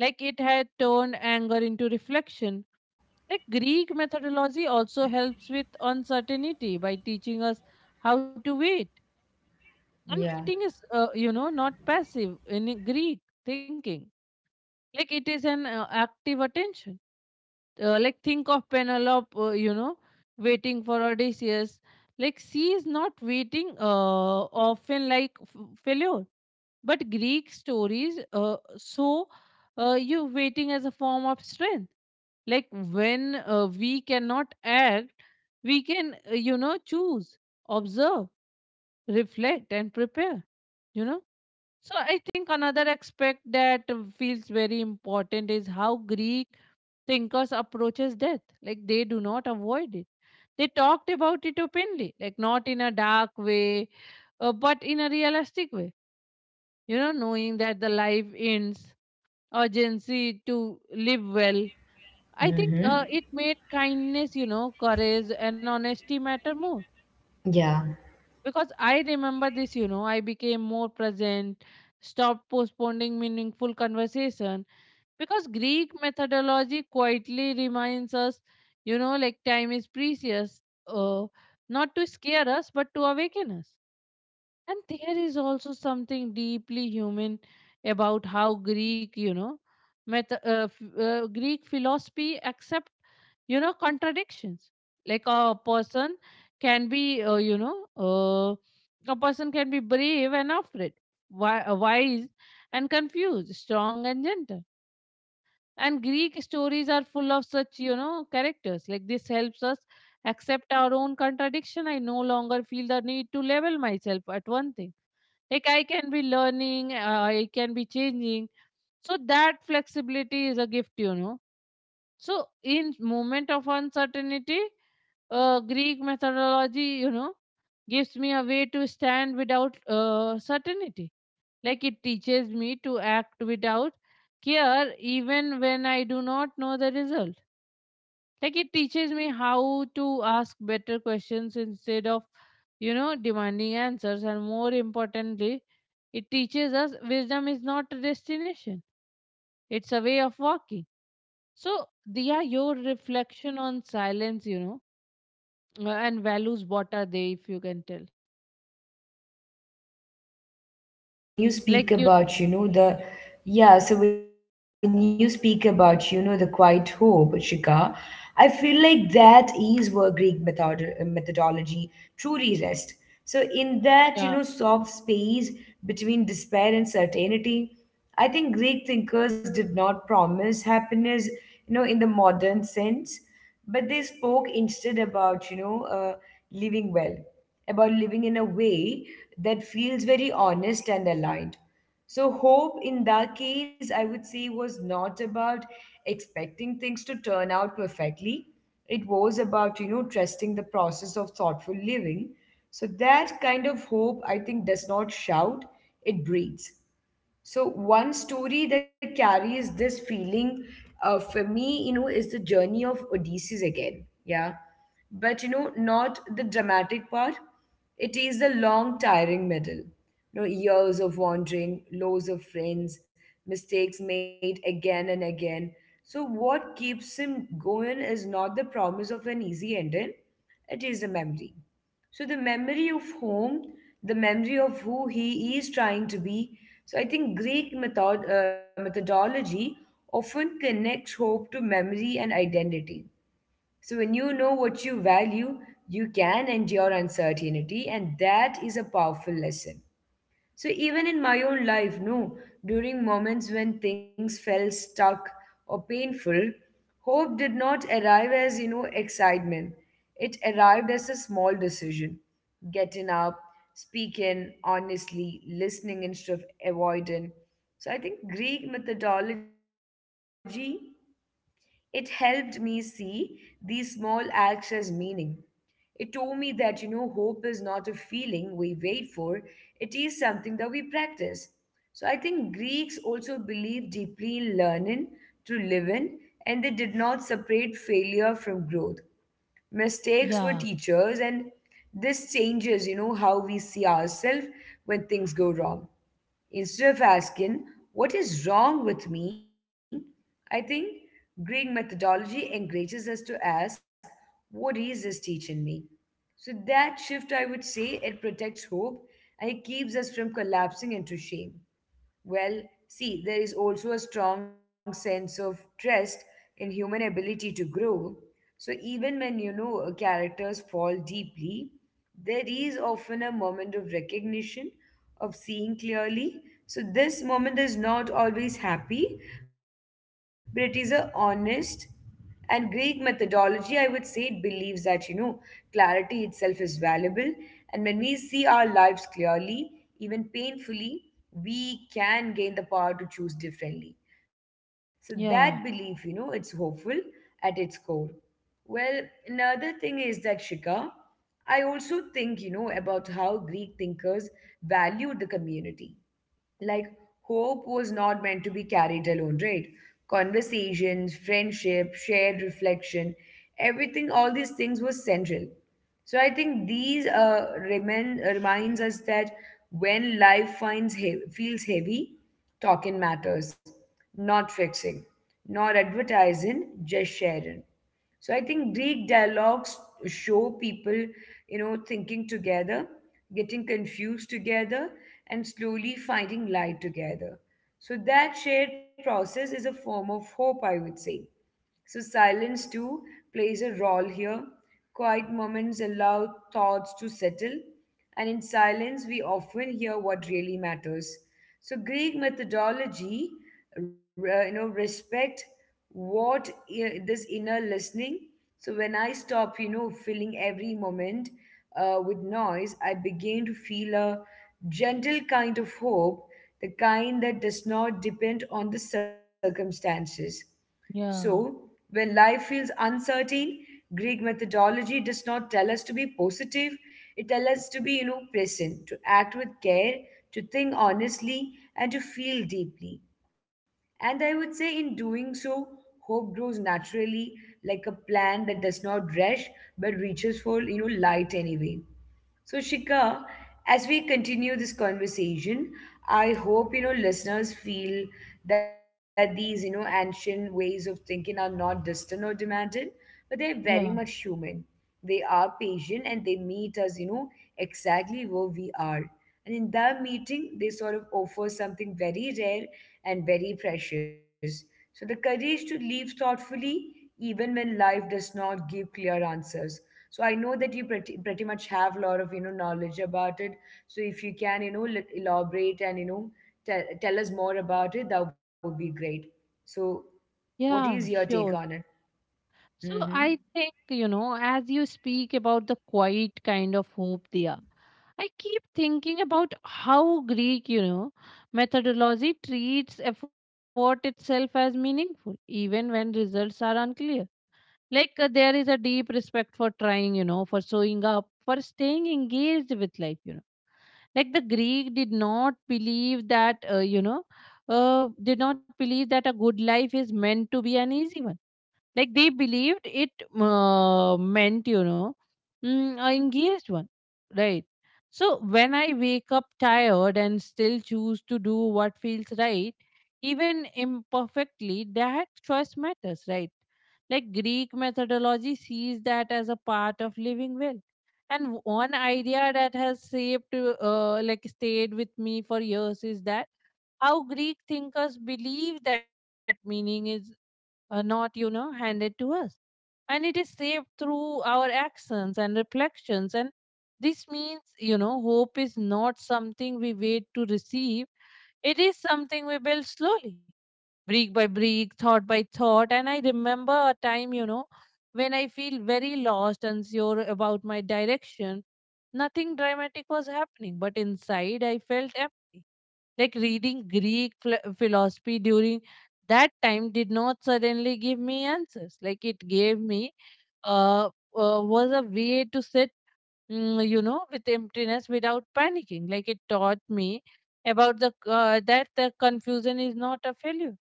[SPEAKER 2] Like it
[SPEAKER 1] Yeah.
[SPEAKER 2] had turned anger into reflection. Like
[SPEAKER 1] Mm-hmm.
[SPEAKER 2] Greek methodology also helps with uncertainty by teaching us how to wait.
[SPEAKER 1] Yeah.
[SPEAKER 2] And waiting is, uh, you know, not passive in Greek thinking. Like it is an uh, active attention. Uh, like think of Penelope, uh, you know, waiting for Odysseus. Like she is not waiting uh, often like f- failure. But Greek stories uh, so uh, you waiting as a form of strength. Like when uh, we cannot act, we can, uh, you know, choose, observe, reflect, and prepare, you know. So I think another aspect that uh, feels very important is how Greek thinkers approaches death. Like they do not avoid it. They talked about it openly, like not in a dark way, uh, but in a realistic way. You know, knowing that the life ends urgency to live well. I think
[SPEAKER 1] Mm-hmm.
[SPEAKER 2] uh, it made kindness, you know, courage and honesty matter more.
[SPEAKER 1] Yeah.
[SPEAKER 2] Because I remember this, you know, I became more present, stopped postponing meaningful conversation. Because Greek methodology quietly reminds us, you know, like time is precious, uh, not to scare us, but to awaken us. And there is also something deeply human about how Greek, you know, meth- uh, f- uh, Greek philosophy accept, you know, contradictions. Like a person can be, uh, you know, uh, a person can be brave and afraid, wi- uh, wise and confused, strong and gentle. And Greek stories are full of such, you know, characters. Like this helps us accept our own contradiction. I no longer feel the need to level myself at one thing. Like I can be learning, uh, I can be changing. So that flexibility is a gift, you know. So in moment of uncertainty, uh, Greek methodology, you know, gives me a way to stand without uh, certainty. Like it teaches me to act without care, even when I do not know the result. Like it teaches me how to ask better questions instead of, you know,
[SPEAKER 1] Mm-hmm.
[SPEAKER 2] demanding answers, and more importantly, it teaches us wisdom is
[SPEAKER 1] Mm-hmm.
[SPEAKER 2] not a destination, it's a way of
[SPEAKER 1] Wow.
[SPEAKER 2] walking. So, Diya, your
[SPEAKER 1] Mm-hmm.
[SPEAKER 2] reflection on silence, you know, uh, and values,
[SPEAKER 1] Mm-hmm.
[SPEAKER 2] what are they, if you can tell?
[SPEAKER 1] Yeah, totally. See, when you
[SPEAKER 2] Like,
[SPEAKER 1] speak
[SPEAKER 2] you know,
[SPEAKER 1] about, you know, the, yeah, so when you speak about, you know, the quiet hope, Shika, I feel like that is where Greek method uh, methodology truly rests. So in that, you know,
[SPEAKER 2] yeah,
[SPEAKER 1] soft space between despair and certainty, I think Greek thinkers did not promise happiness, you know, in the modern sense, but they spoke instead about, you know, uh, living well, about living in a way that feels very honest and aligned. So, hope in that case, I would say, was not about expecting things to turn out perfectly. It was about, you know, trusting the process of thoughtful living. So, that kind of hope, I think, does not shout, it breathes. So one story that carries this feeling uh, for me, you know, is the journey of Odysseus again. Yeah. But, you know, not the dramatic part. It is the long, tiring middle. You know, years of wandering, loss of friends, mistakes made again and again. So what keeps him going is not the promise of an easy ending, it is a memory so the memory of home, the memory of who he is trying to be. So I think Greek method, uh, methodology often connects hope to memory and identity. So when you know what you value, you can endure uncertainty, and that is a powerful lesson. So even in my own life, no, during moments when things felt stuck or painful, hope did not arrive as, you know, excitement. It arrived as a small decision. Getting up, speaking honestly, listening instead of avoiding. So I think Greek methodology it helped me see these small acts as meaning. It told me that, you know, hope is not a feeling we wait for, it is something that we practice. So I think Greeks also believed deeply in learning to live in, and they did not separate failure from growth.
[SPEAKER 2] yeah,
[SPEAKER 1] Mistakes were teachers, and this changes, you know, how we see ourselves when things go wrong. Instead of asking, what is wrong with me? I think Greek methodology encourages us to ask, what is this teaching me? So that shift, I would say, it protects hope and it keeps us from collapsing into shame. Well, see, there is also a strong sense of trust in human ability to grow. So even when you know uh, characters fall deeply, there is often a moment of recognition, of seeing clearly. So this moment is not always happy, but it is a honest. And Greek methodology, I would say, it believes that, you know, clarity itself is valuable. And when we see our lives clearly, even painfully, we can gain the power to choose differently. So
[SPEAKER 2] yeah,
[SPEAKER 1] that belief, you know, it's hopeful at its core. Well, another thing is that Shika, I also think, you know, about how Greek thinkers valued the community like hope was not meant to be carried alone, right? Conversations, friendship, shared reflection, everything, all these things were central. So I think these uh, remind, reminds us that when life finds he- feels heavy, talking matters, not fixing, not advertising, just sharing. So I think Greek dialogues show people, you know, thinking together, getting confused together, and slowly finding light together. So that shared process is a form of hope, I would say. So, silence too plays a role here. Quiet moments allow thoughts to settle, and in silence, we often hear what really matters. So, Greek methodology, re- you know, respect what i- this inner listening. So, when I stop, you know, filling every moment uh, with noise, I begin to feel a gentle kind of hope, the kind that does not depend on the circumstances. So,
[SPEAKER 2] yeah,
[SPEAKER 1] when life feels uncertain, Greek methodology does not tell us to be positive. It tells us to be, you know, present, to act with care, to think honestly, and to feel deeply. And I would say, in doing so, hope grows naturally, like a plant that does not rush but reaches for, you know, light anyway. So, Shika, as we continue this conversation, I hope you know listeners feel that these you know ancient ways of thinking are not distant or demanded, but they're very much
[SPEAKER 2] yeah,
[SPEAKER 1] human. They are patient and they meet us, you know, exactly where we are. And in that meeting, they sort of offer something very rare and very precious. So the courage to live thoughtfully, even when life does not give clear answers so I know that you pretty, pretty much have a lot of you know knowledge about it, so if you can you know l- elaborate and you know tell, tell us more about it, that would be great. So what is your
[SPEAKER 2] yeah,
[SPEAKER 1] take on
[SPEAKER 2] sure.
[SPEAKER 1] it?
[SPEAKER 2] So
[SPEAKER 1] Mm-hmm.
[SPEAKER 2] I think, you know, as you speak about the quiet kind of hope there, I keep thinking about how Greek, you know, methodology treats effort itself as meaningful, even when results are unclear. Like uh, there is a deep respect for trying, you know, for showing up, for staying engaged with life, you know. Like the Greek did not believe that, uh, you know, uh, did not believe that a good life is meant to be an easy one. Like they believed it uh, meant, you know, mm, a engaged one, right? So when I wake up tired and still choose to do what feels right, even imperfectly, that choice matters, right? Like Greek methodology sees that as a part of living well. And one idea that has shaped, uh, like stayed with me for years is that how Greek thinkers believe that meaning is uh, not, you know, handed to us, and it is saved through our actions and reflections. And this means, you know, hope is not something we wait to receive, it is something we build slowly, brick by brick, thought by thought. And I remember a time, you know, when I feel very lost and sure about my direction. Nothing dramatic was happening, but inside I felt empty. Like reading Greek phil- philosophy during that time did not suddenly give me answers. Like it gave me uh, uh, was a way to sit, mm, you know, with emptiness without panicking. Like it taught me about the uh, that the confusion is not a failure.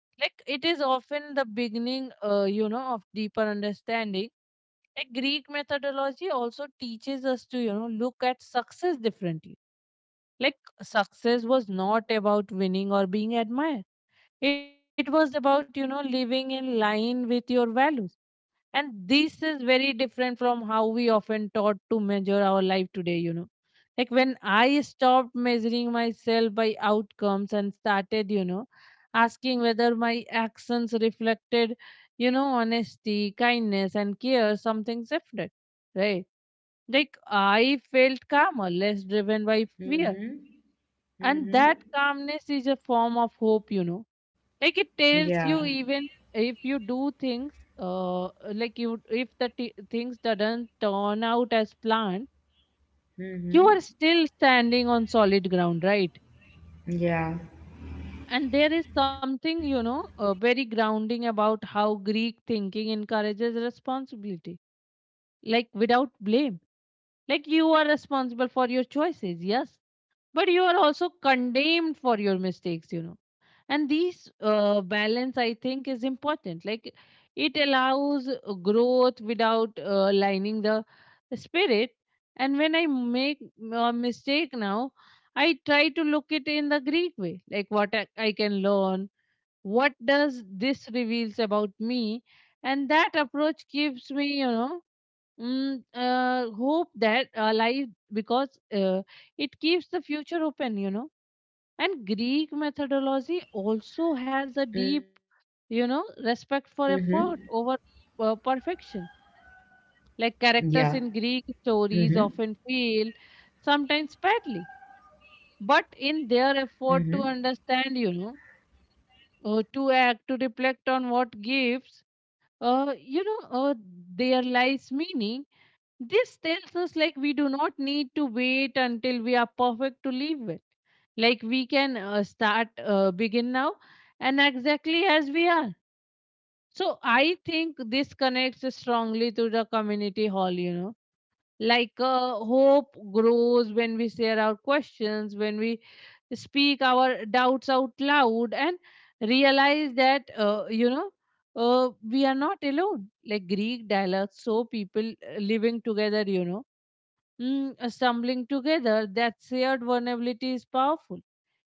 [SPEAKER 2] Like it is often the beginning, uh, you know, of deeper understanding. Like Greek methodology also teaches us to, you know, look at success differently. Like success was not about winning or being admired. It was about, you know, living in line with your values. And this is very different from how we often taught to measure our life today, you know. Like when I stopped measuring myself by outcomes and started, you know, asking whether my actions reflected, you know, honesty, kindness, and care, something shifted, right? Like I felt calmer, less driven by fear,
[SPEAKER 1] Mm-hmm.
[SPEAKER 2] and
[SPEAKER 1] Mm-hmm.
[SPEAKER 2] that calmness is a form of hope, you know like it
[SPEAKER 1] Yeah.
[SPEAKER 2] tells you, even if you do things, uh like you, if the t- things doesn't turn out as planned, you
[SPEAKER 1] Mm-hmm.
[SPEAKER 2] are still standing on solid ground, right?
[SPEAKER 1] Yeah.
[SPEAKER 2] And there is something, you know uh, very grounding about how Greek thinking encourages responsibility, like without blame. Like you are responsible for your choices, yes, but you are also condemned for your mistakes you know And these uh, balance, I think, is important. Like it allows uh, growth without uh, lining the spirit. And when I make a mistake now, I try to look it in the Greek way, like what i I can learn, what does this reveals about me. And that approach gives me, you know mm, uh, hope that uh, life, because uh, it keeps the future open you know And Greek methodology also has a
[SPEAKER 1] Mm-hmm.
[SPEAKER 2] deep, you know, respect for effort over uh,
[SPEAKER 1] Yeah.
[SPEAKER 2] perfection.
[SPEAKER 1] Mm-hmm.
[SPEAKER 2] Like characters in Greek stories often fail, sometimes badly, but in
[SPEAKER 1] Mm-hmm.
[SPEAKER 2] their effort to understand, you know, uh, to act, to reflect on what gives, uh, you know, uh, their lives meaning. This tells us, like, we do not need to wait until we are perfect to live well. Like we can uh, start, uh, begin now, and exactly as we are. So I think this connects strongly to the community hall, you know. Like uh, hope grows when we share our questions, when we speak our doubts out loud, and realize that, uh, you know, uh, we are not alone. Like Greek dialogues, so people uh, living together, you know mm, uh, stumbling together, that shared vulnerability is powerful.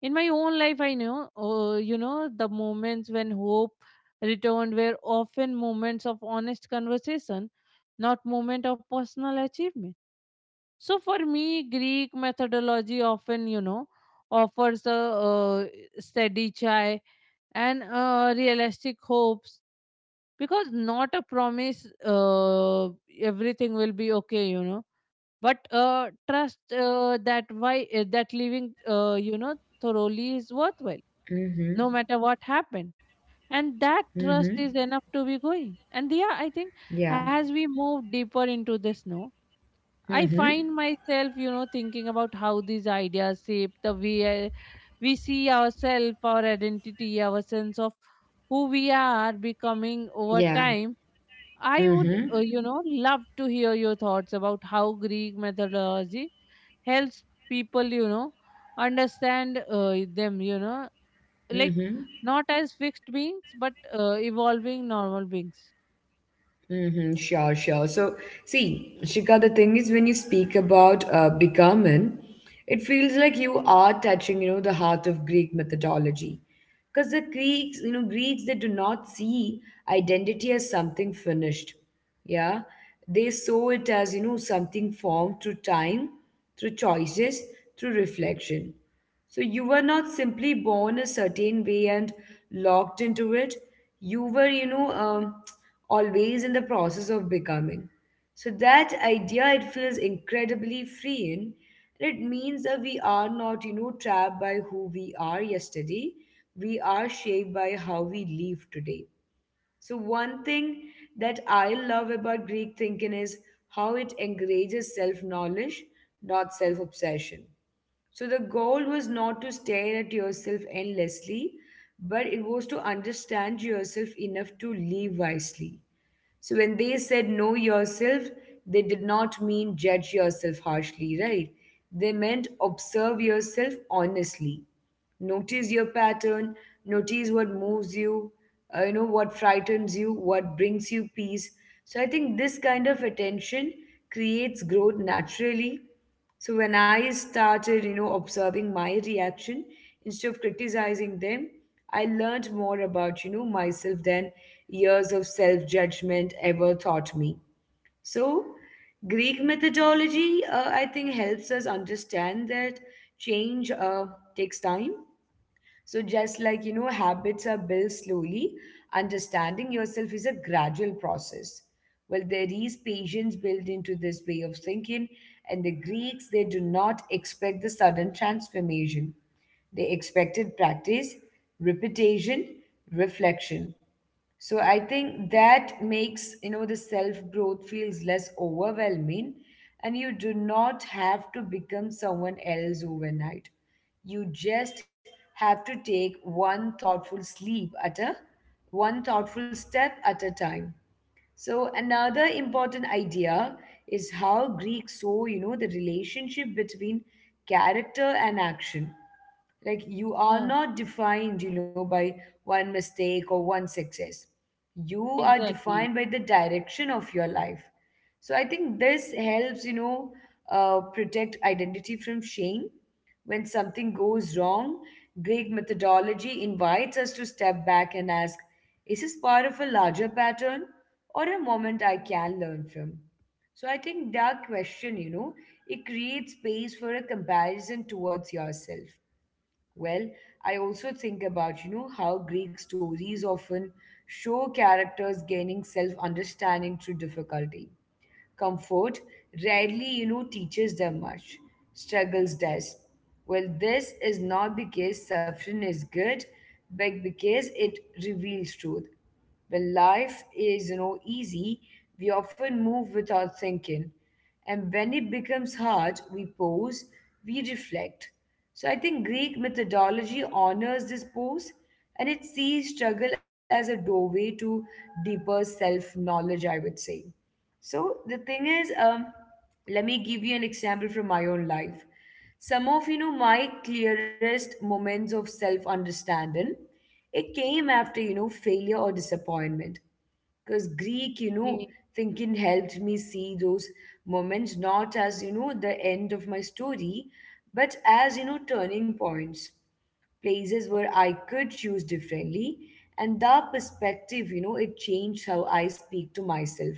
[SPEAKER 2] In my own life I know, uh, you know the moments when hope returned were often moments of honest conversation, not moment of personal achievement. So for me, Greek methodology often, you know offers a uh, steady chai and uh, realistic hopes, because not a promise, uh, everything will be okay you know But uh, trust uh, that why uh, that living, uh, you know thoroughly is worthwhile, no matter what happened. And that
[SPEAKER 1] Mm-hmm. Mm-hmm.
[SPEAKER 2] trust is enough to be going. And yeah, I think,
[SPEAKER 1] Yeah.
[SPEAKER 2] as we move deeper into this now, I
[SPEAKER 1] Mm-hmm.
[SPEAKER 2] find myself, you know thinking about how these ideas shape the way I, we see ourselves, our identity, our sense of who we are becoming over
[SPEAKER 1] Yeah.
[SPEAKER 2] time. I would
[SPEAKER 1] Mm-hmm.
[SPEAKER 2] uh, you know love to hear your thoughts about how Greek methodology helps people, you know understand uh, them, you know like
[SPEAKER 1] Mm-hmm.
[SPEAKER 2] not as fixed beings but uh, evolving normal beings.
[SPEAKER 1] Mm-hmm, sure, sure. So, see, Shika, the thing is, when you speak about uh, becoming, it feels like you are touching, you know, the heart of Greek mythology. Because the Greeks, you know, Greeks, they do not see identity as something finished. Yeah. They saw it as, you know, something formed through time, through choices, through reflection. So you were not simply born a certain way and locked into it. You were, you know, um, always in the process of becoming. So that idea, it feels incredibly freeing. It means that we are not, you know, trapped by who we are yesterday. We are shaped by how we live today. So one thing that I love about Greek thinking is how it encourages self-knowledge, not self-obsession, so the goal was not to stare at yourself endlessly, but it was to understand yourself enough to live wisely. So when they said know yourself, they did not mean judge yourself harshly, right? They meant observe yourself honestly. Notice your pattern, notice what moves you, uh, you know, what frightens you, what brings you peace. So I think this kind of attention creates growth naturally. So when I started, you know, observing my reaction instead of criticizing them, I learned more about, you know, myself than years of self-judgment ever taught me. So Greek methodology, uh, I think, helps us understand that change uh, takes time, so, just like you know, habits are built slowly, understanding yourself is a gradual process. Well, there is patience built into this way of thinking, and the Greeks they do not expect the sudden transformation. They expected practice, repetition, reflection. So I think that makes, you know, the self-growth feels less overwhelming and you do not have to become someone else overnight. You just have to take one thoughtful sleep at a one thoughtful step at a time. So another important idea is how Greeks saw, you know, the relationship between character and action, like you are
[SPEAKER 2] Yeah,
[SPEAKER 1] not defined you know by one mistake or one success, you are defined
[SPEAKER 2] exactly.
[SPEAKER 1] by the direction of your life. So I think this helps you know uh, protect identity from shame. When something goes wrong, Greek methodology invites us to step back and ask, is this part of a larger pattern or a moment I can learn from? So I think that question, you know, it creates space for a comparison towards yourself. Well, I also think about, you know, how Greek stories often show characters gaining self understanding through difficulty. Comfort rarely you know teaches them much, struggles does. Well this is not because suffering is good, but because it reveals truth. When life is you know easy, we often move without thinking, and when it becomes hard we pause, we reflect. So I think Greek methodology honors this pause, and it sees struggle as a doorway to deeper self knowledge, I would say. So the thing is, um, let me give you an example from my own life. Some of you know my clearest moments of self understanding, it came after you know failure or disappointment. Because Greek, you know,
[SPEAKER 2] He-
[SPEAKER 1] thinking helped me see those moments not as you know the end of my story, but as you know turning points, places where I could choose differently. And that perspective, you know, it changed how I speak to myself.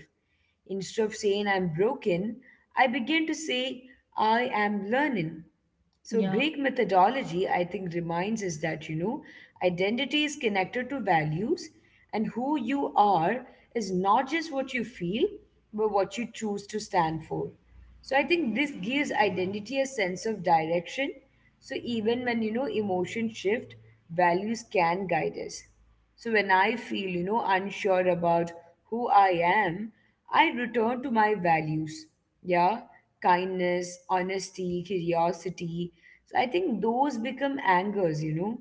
[SPEAKER 1] Instead of saying I'm broken, I begin to say I am learning. So,
[SPEAKER 2] Yeah,
[SPEAKER 1] Greek methodology, I think, reminds us that, you know, identity is connected to values, and who you are is not just what you feel, but what you choose to stand for. So, I think this gives identity a sense of direction, so even when you know emotions shift, values can guide us. So when I feel you know unsure about who I am, I return to my values. Yeah, kindness, honesty, curiosity. So I think those become anchors, you know.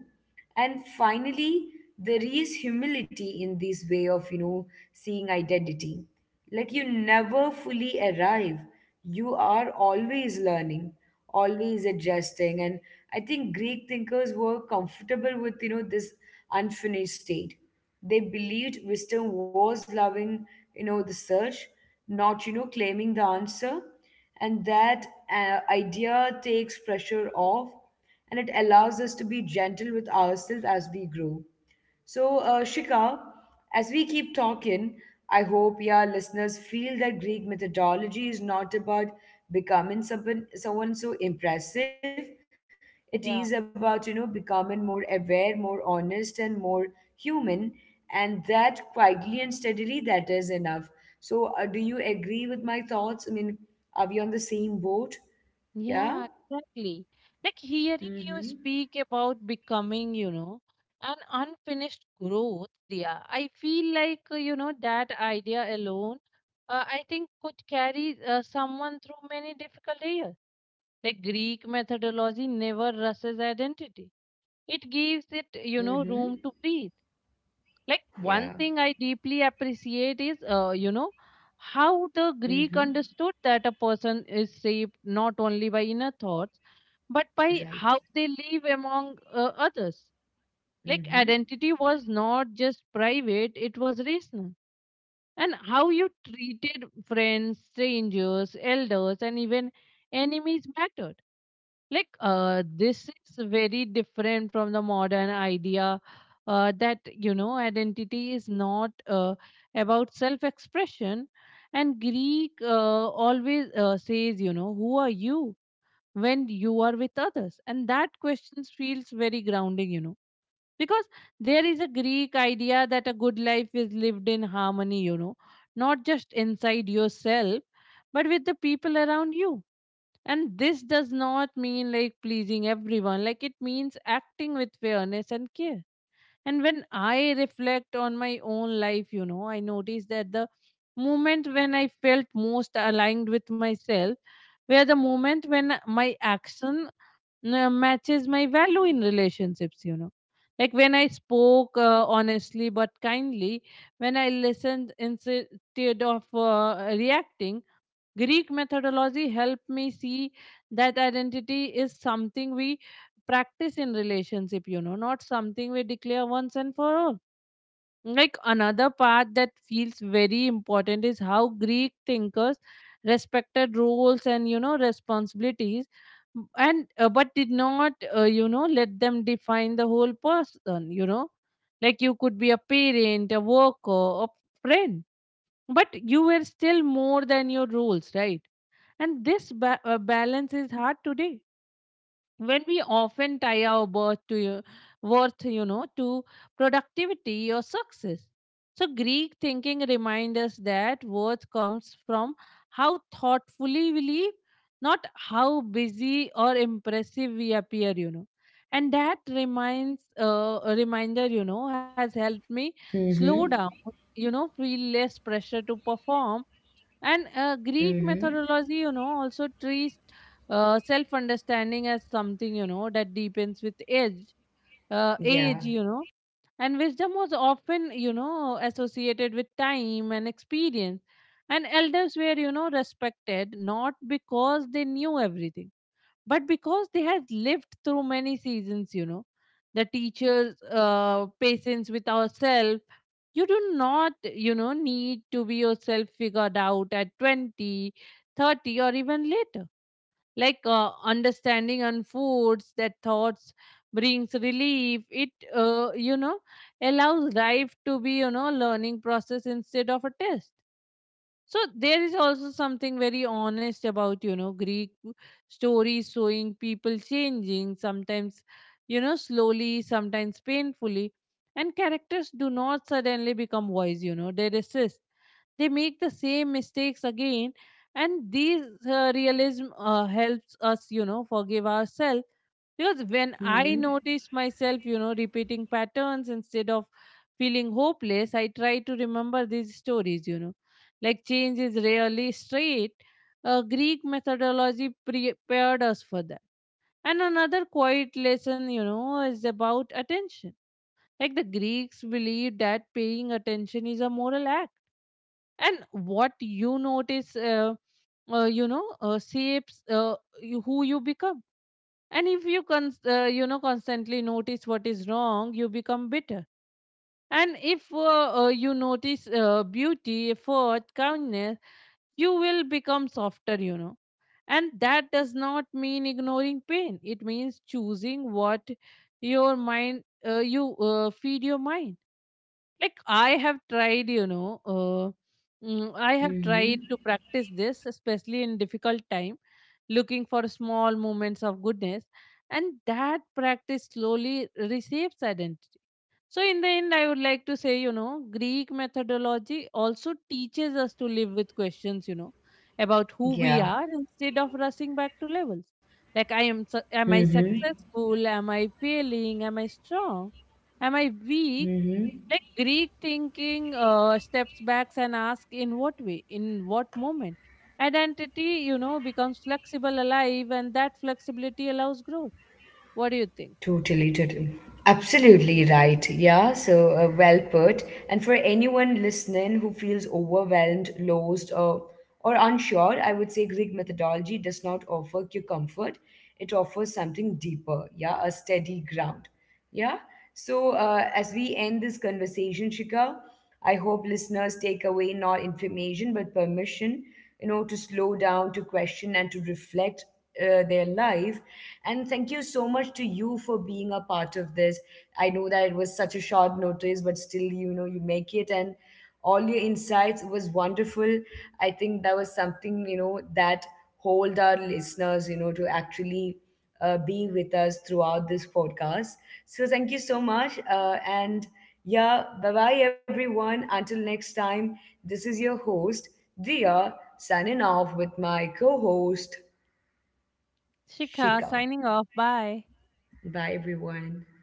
[SPEAKER 1] And finally there is humility in this way of you know seeing identity, like you never fully arrive, you are always learning, always adjusting, and I think Greek thinkers were comfortable with you know this unfinished state. They believed wisdom was loving you know the search, not you know claiming the answer. And that uh, idea takes pressure off, and it allows us to be gentle with ourselves as we grow. So, uh, Shika, as we keep talking, I hope your listeners feel that Greek methodology is not about becoming someone, someone so impressive. It is
[SPEAKER 2] yeah,
[SPEAKER 1] about, you know, becoming more aware, more honest, and more human. And that quietly and steadily, that is enough. So, uh, do you agree with my thoughts? I mean, are we on the same boat? Yeah?
[SPEAKER 2] yeah, exactly. Like hearing
[SPEAKER 1] Mm
[SPEAKER 2] you
[SPEAKER 1] hmm.
[SPEAKER 2] speak about becoming, you know, an unfinished growth, yeah, I feel like, uh, you know, that idea alone, uh, I think could carry uh, someone through many difficult years. Like Greek methodology never rushes identity. It gives it, you know,
[SPEAKER 1] Mm hmm.
[SPEAKER 2] room to breathe. Like one
[SPEAKER 1] Yeah.
[SPEAKER 2] thing I deeply appreciate is, uh, you know, how the Greek
[SPEAKER 1] Mm-hmm.
[SPEAKER 2] understood that a person is shaped not only by inner thoughts, but by how
[SPEAKER 1] Right.
[SPEAKER 2] they live among uh, others. Like
[SPEAKER 1] Mm-hmm.
[SPEAKER 2] identity was not just private, it was rational. And how you treated friends, strangers, elders, and even enemies mattered, like, uh, this is very different from the modern idea uh, that, you know identity is not uh, about self expression. And Greek, uh, always uh, says, you know who are you when you are with others? And that question feels very grounding you know because there is a Greek idea that a good life is lived in harmony you know not just inside yourself, but with the people around you. And this does not mean like pleasing everyone, like it means acting with fairness and care. And when I reflect on my own life, you know, I notice that the moment when I felt most aligned with myself were the moment when my action uh, matches my value in relationships, you know. Like when I spoke uh, honestly but kindly, when I listened instead of uh, reacting, Greek methodology helped me see that identity is something we practice in relationship, you know, not something we declare once and for all. Like another part that feels very important is how Greek thinkers respected roles and, you know, responsibilities, m- and uh, but did not, uh, you know let them define the whole person you know Like you could be a parent, a worker, a friend, but you were still more than your roles, right? And this ba- uh, balance is hard today, when we often tie our worth to your worth, you know, to productivity or success. So Greek thinking reminds us that worth comes from how thoughtfully we live, not how busy or impressive we appear, you know. And that reminds, uh, a reminder, you know, has helped me
[SPEAKER 1] Mm-hmm.
[SPEAKER 2] slow down, you know, feel less pressure to perform. And uh, Greek
[SPEAKER 1] Mm-hmm.
[SPEAKER 2] methodology, you know, also treats uh, self understanding as something, you know, that deepens with age, uh, age,
[SPEAKER 1] Yeah.
[SPEAKER 2] you know. And wisdom was often, you know, associated with time and experience. And elders were, you know, respected not because they knew everything, but because they had lived through many seasons, you know. The teachers' uh, patience with ourselves. You do not, you know need to be yourself figured out at twenty, thirty, or even later. Like uh, understanding on foods that thoughts brings relief. It uh, you know allows life to be, you know learning process instead of a test. So there is also something very honest about, you know, Greek stories showing people changing, sometimes, you know, slowly, sometimes painfully. And characters do not suddenly become wise, you know, they resist. They make the same mistakes again. And this uh, realism uh, helps us, you know, forgive ourselves, because when I
[SPEAKER 1] Mm-hmm.
[SPEAKER 2] notice myself, you know, repeating patterns instead of feeling hopeless, I try to remember these stories, you know. Like change is rarely straight. Uh, Greek methodology prepared us for that. And another quiet lesson, you know, is about attention. Like the Greeks believed that paying attention is a moral act. And what you notice, uh, uh, you know, uh, shapes uh, you, who you become. And if you cons uh, you know constantly notice what is wrong, you become bitter. And if uh, uh, you notice uh, beauty, effort, kindness, you will become softer, you know. And that does not mean ignoring pain. It means choosing what your mind, uh, you, uh, feed your mind. Like I have tried, you know uh, mm, I have tried
[SPEAKER 1] Mm-hmm.
[SPEAKER 2] to practice this especially in difficult time, looking for small moments of goodness. And that practice slowly receives identity. So in the end, I would like to say, you know Greek methodology also teaches us to live with questions, you know about who we
[SPEAKER 1] Yeah.
[SPEAKER 2] are instead of rushing back to levels. Like, i am su- am I
[SPEAKER 1] Mm-hmm.
[SPEAKER 2] successful? Am I failing? Am I strong? Am I weak?
[SPEAKER 1] Mm-hmm.
[SPEAKER 2] Like Greek thinking, uh, steps back and asks, in what way, in what moment? Identity, you know, becomes flexible, alive, and that flexibility allows growth. What do you think?
[SPEAKER 1] Totally, totally. Absolutely right. Yeah. So uh, well put. And for anyone listening who feels overwhelmed, lost, or or unsure, I would say Greek methodology does not offer you comfort. It offers something deeper. Yeah, a steady ground. Yeah. So, uh, as we end this conversation, Shika, I hope listeners take away not information but permission, you know, to slow down, to question, and to reflect uh, their life. And thank you so much to you for being a part of this. I know that it was such a short notice, but still, you know, you make it. And all your insights was wonderful. I think that was something you know that hold our listeners you know to actually uh, be with us throughout this podcast. So thank you so much uh, and yeah, bye bye everyone, until next time. This is your host Dia signing off with my co-host
[SPEAKER 2] Shikha
[SPEAKER 1] Shika.
[SPEAKER 2] signing off. Bye.
[SPEAKER 1] Bye everyone.